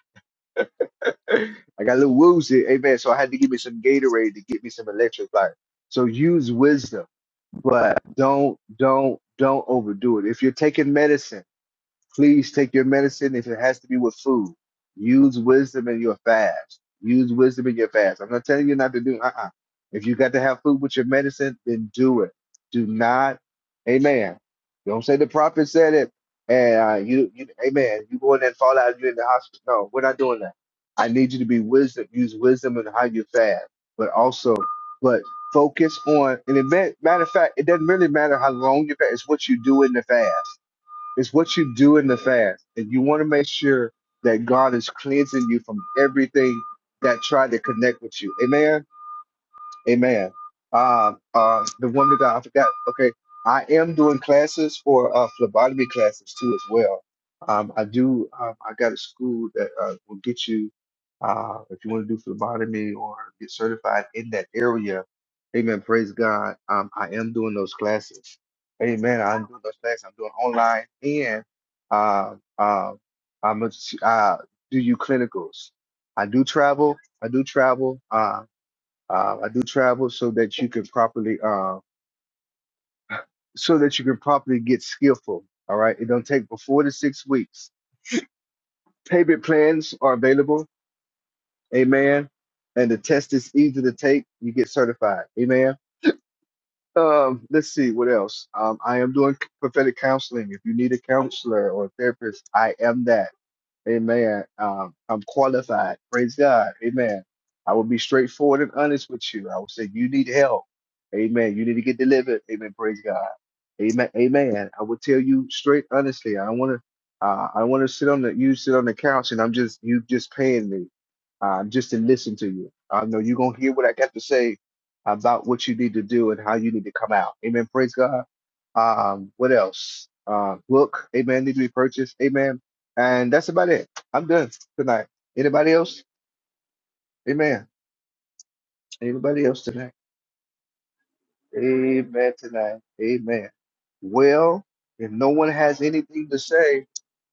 *laughs* I got a little woozy, amen. So I had to give me some Gatorade to get me some electrolyte. So use wisdom but don't don't don't overdo it. If you're taking medicine, Please take your medicine if it has to be with food. Use wisdom in your fast. Use wisdom in your fast. I'm not telling you not to do. Uh-uh. If you got to have food with your medicine, then do it. Do not, Amen. Don't say the prophet said it, and uh, you, you, Amen. You go in there and fall out. You in the hospital. No, we're not doing that. I need you to be wisdom. Use wisdom in how you fast, but also, but focus on. And it, ma- matter of fact, it doesn't really matter how long you fast. It's what you do in the fast it's what you do in the fast. And you want to make sure that God is cleansing you from everything that tried to connect with you. Amen. Amen. Uh, uh, the woman of God, I forgot. Okay, I am doing classes for uh, phlebotomy classes too as well. Um, I do. Um, I got a school that uh, will get you uh, if you want to do phlebotomy or get certified in that area. Amen. Praise God. Um, I am doing those classes. Amen. I'm doing those classes. I'm doing online and uh, uh, I'm a, uh, do you clinicals. I do travel. I do travel. Uh, uh, I do travel so that you can properly, uh, so that you can properly get skillful. All right, it don't take but four to six weeks. Payment plans are available. Amen. And the test is easy to take. You get certified. Amen. Um, let's see what else. Um, I am doing prophetic counseling. If you need a counselor or a therapist, I am that. Amen. Um, I'm qualified. Praise God. Amen. I will be straightforward and honest with you. I will say, you need help. Amen. You need to get delivered. Amen. Praise God. Amen. Amen. I will tell you straight, honestly. I don't want to. Uh, I want to sit on the. You sit on the couch, and I'm just you just paying me, uh, just to listen to you. I know you're gonna hear what I got to say about what you need to do and how you need to come out. Amen. Praise God. Um, what else? Uh, book. Amen. Need to be purchased. Amen and that's about it. I'm done tonight. Anybody else? Amen. Anybody else tonight? Amen tonight. Amen. Well, if no one has anything to say,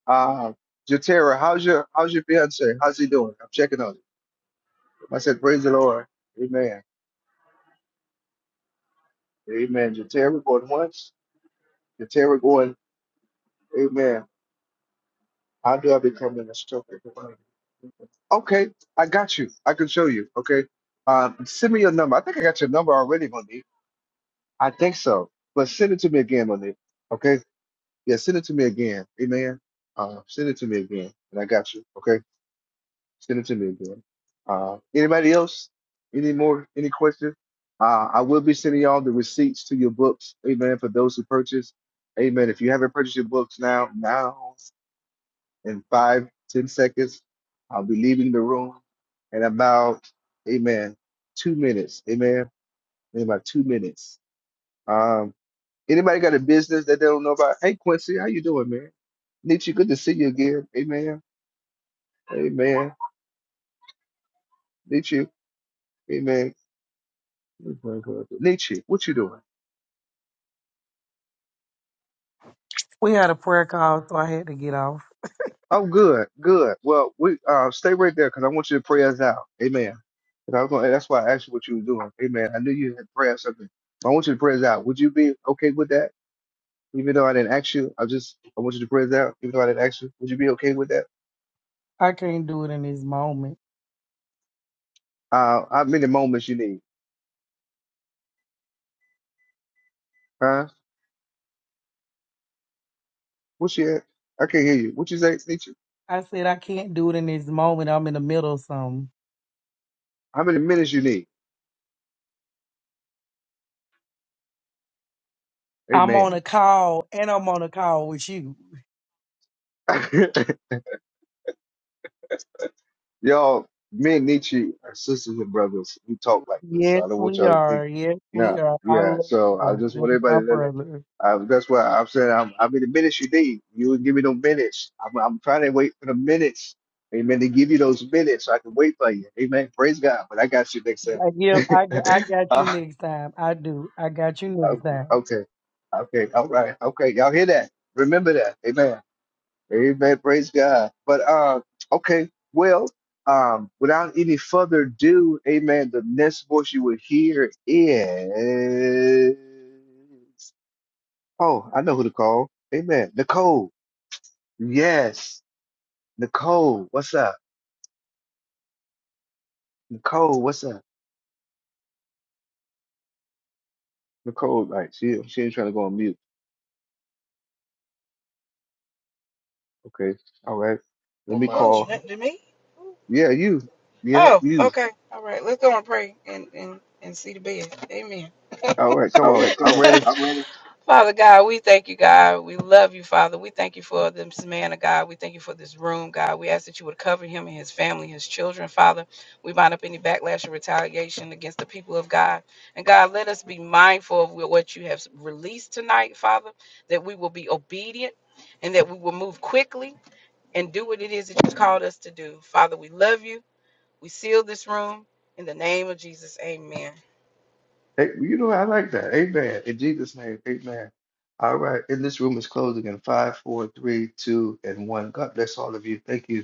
uh Jatera, how's your how's your fiance? How's he doing? I'm checking on him. I said, Praise the Lord. Amen. Amen. Jatera going once, Jatera going, Amen. How do I become an instructor? Okay, I got you. I can show you. Okay. Um, send me your number. I think I got your number already, Monique. I think so. But send it to me again, Monique. Okay? Yeah, send it to me again. Amen. Uh, send it to me again, and I got you. Okay? Send it to me again. Uh, anybody else? Any more? Any questions? Uh, I will be sending y'all the receipts to your books. Amen. For those who purchase. Amen. If you haven't purchased your books now, now in five, ten seconds, I'll be leaving the room in about, amen, two minutes. Amen. In about two minutes. Um, Anybody got a business that they don't know about? Hey Quincy, how you doing, man? Nietzsche, good to see you again. Amen. Amen. Nietzsche, amen. Nietzsche, what you doing? We had a prayer call, so I had to get off. Oh, good, good. Well, we uh, stay right there because I want you to pray us out. Amen. And I was gonna, that's why I asked you what you were doing. Amen. I knew you had prayer or something. I want you to pray us out. Would you be okay with that? Even though I didn't ask you, I just I want you to pray us out. Even though I didn't ask you, would you be okay with that? I can't do it in this moment. Uh, how many moments you need? Huh? What's your? I can't hear you. What you say, Nietzsche? I said I can't do it in this moment. I'm in the middle of something. How many minutes you need? I'm on Amen. a call and I'm on a call with you. *laughs* y'all, me and Nietzsche are sisters and brothers. We talk like this. So Yes, I don't want we y'all to think. are. Yes, we No, are. I yeah. love So I you. just That want is everybody my to know that. brother. Uh, that's why I'm saying I'm, I mean the minutes you need. You would give me no minutes. I'm, I'm trying to wait for the minutes. Amen. To give you those minutes so I can wait for you. Amen. Praise God. But I got you next I give. time. I, g- I *laughs* got you uh, next time. I do. I got you next time. okay. Okay. Okay. All right. Okay. Y'all hear that? Remember that. Amen. Amen. Praise God. But uh, okay. Well, um, without any further ado, Amen. The next voice you will hear is oh, I know who to call. Amen. Nicole. Yes, Nicole. What's up, Nicole? What's up, Nicole? Right. She she ain't trying to go on mute. Okay. All right. Let How me much? Who? call. That to me? Yeah, you. Yeah, Oh, you. okay. All right. Let's go and pray and and and see the bed. Amen. All right. Come All on. right, come I'm on. *laughs* ready. I'm ready. Father God, we thank you, God. We love you, Father. We thank you for this man of God. We thank you for this room, God. We ask that you would cover him and his family, his children, Father. We bind up any backlash and retaliation against the people of God. And God, let us be mindful of what you have released tonight, Father, that we will be obedient and that we will move quickly and do what it is that you called us to do. Father, we love you. We seal this room in the name of Jesus. Amen. Hey, you know, I like that. Amen. In Jesus' name, amen. All right. And this room is closing in five, four, three, two, and one. God bless all of you. Thank you.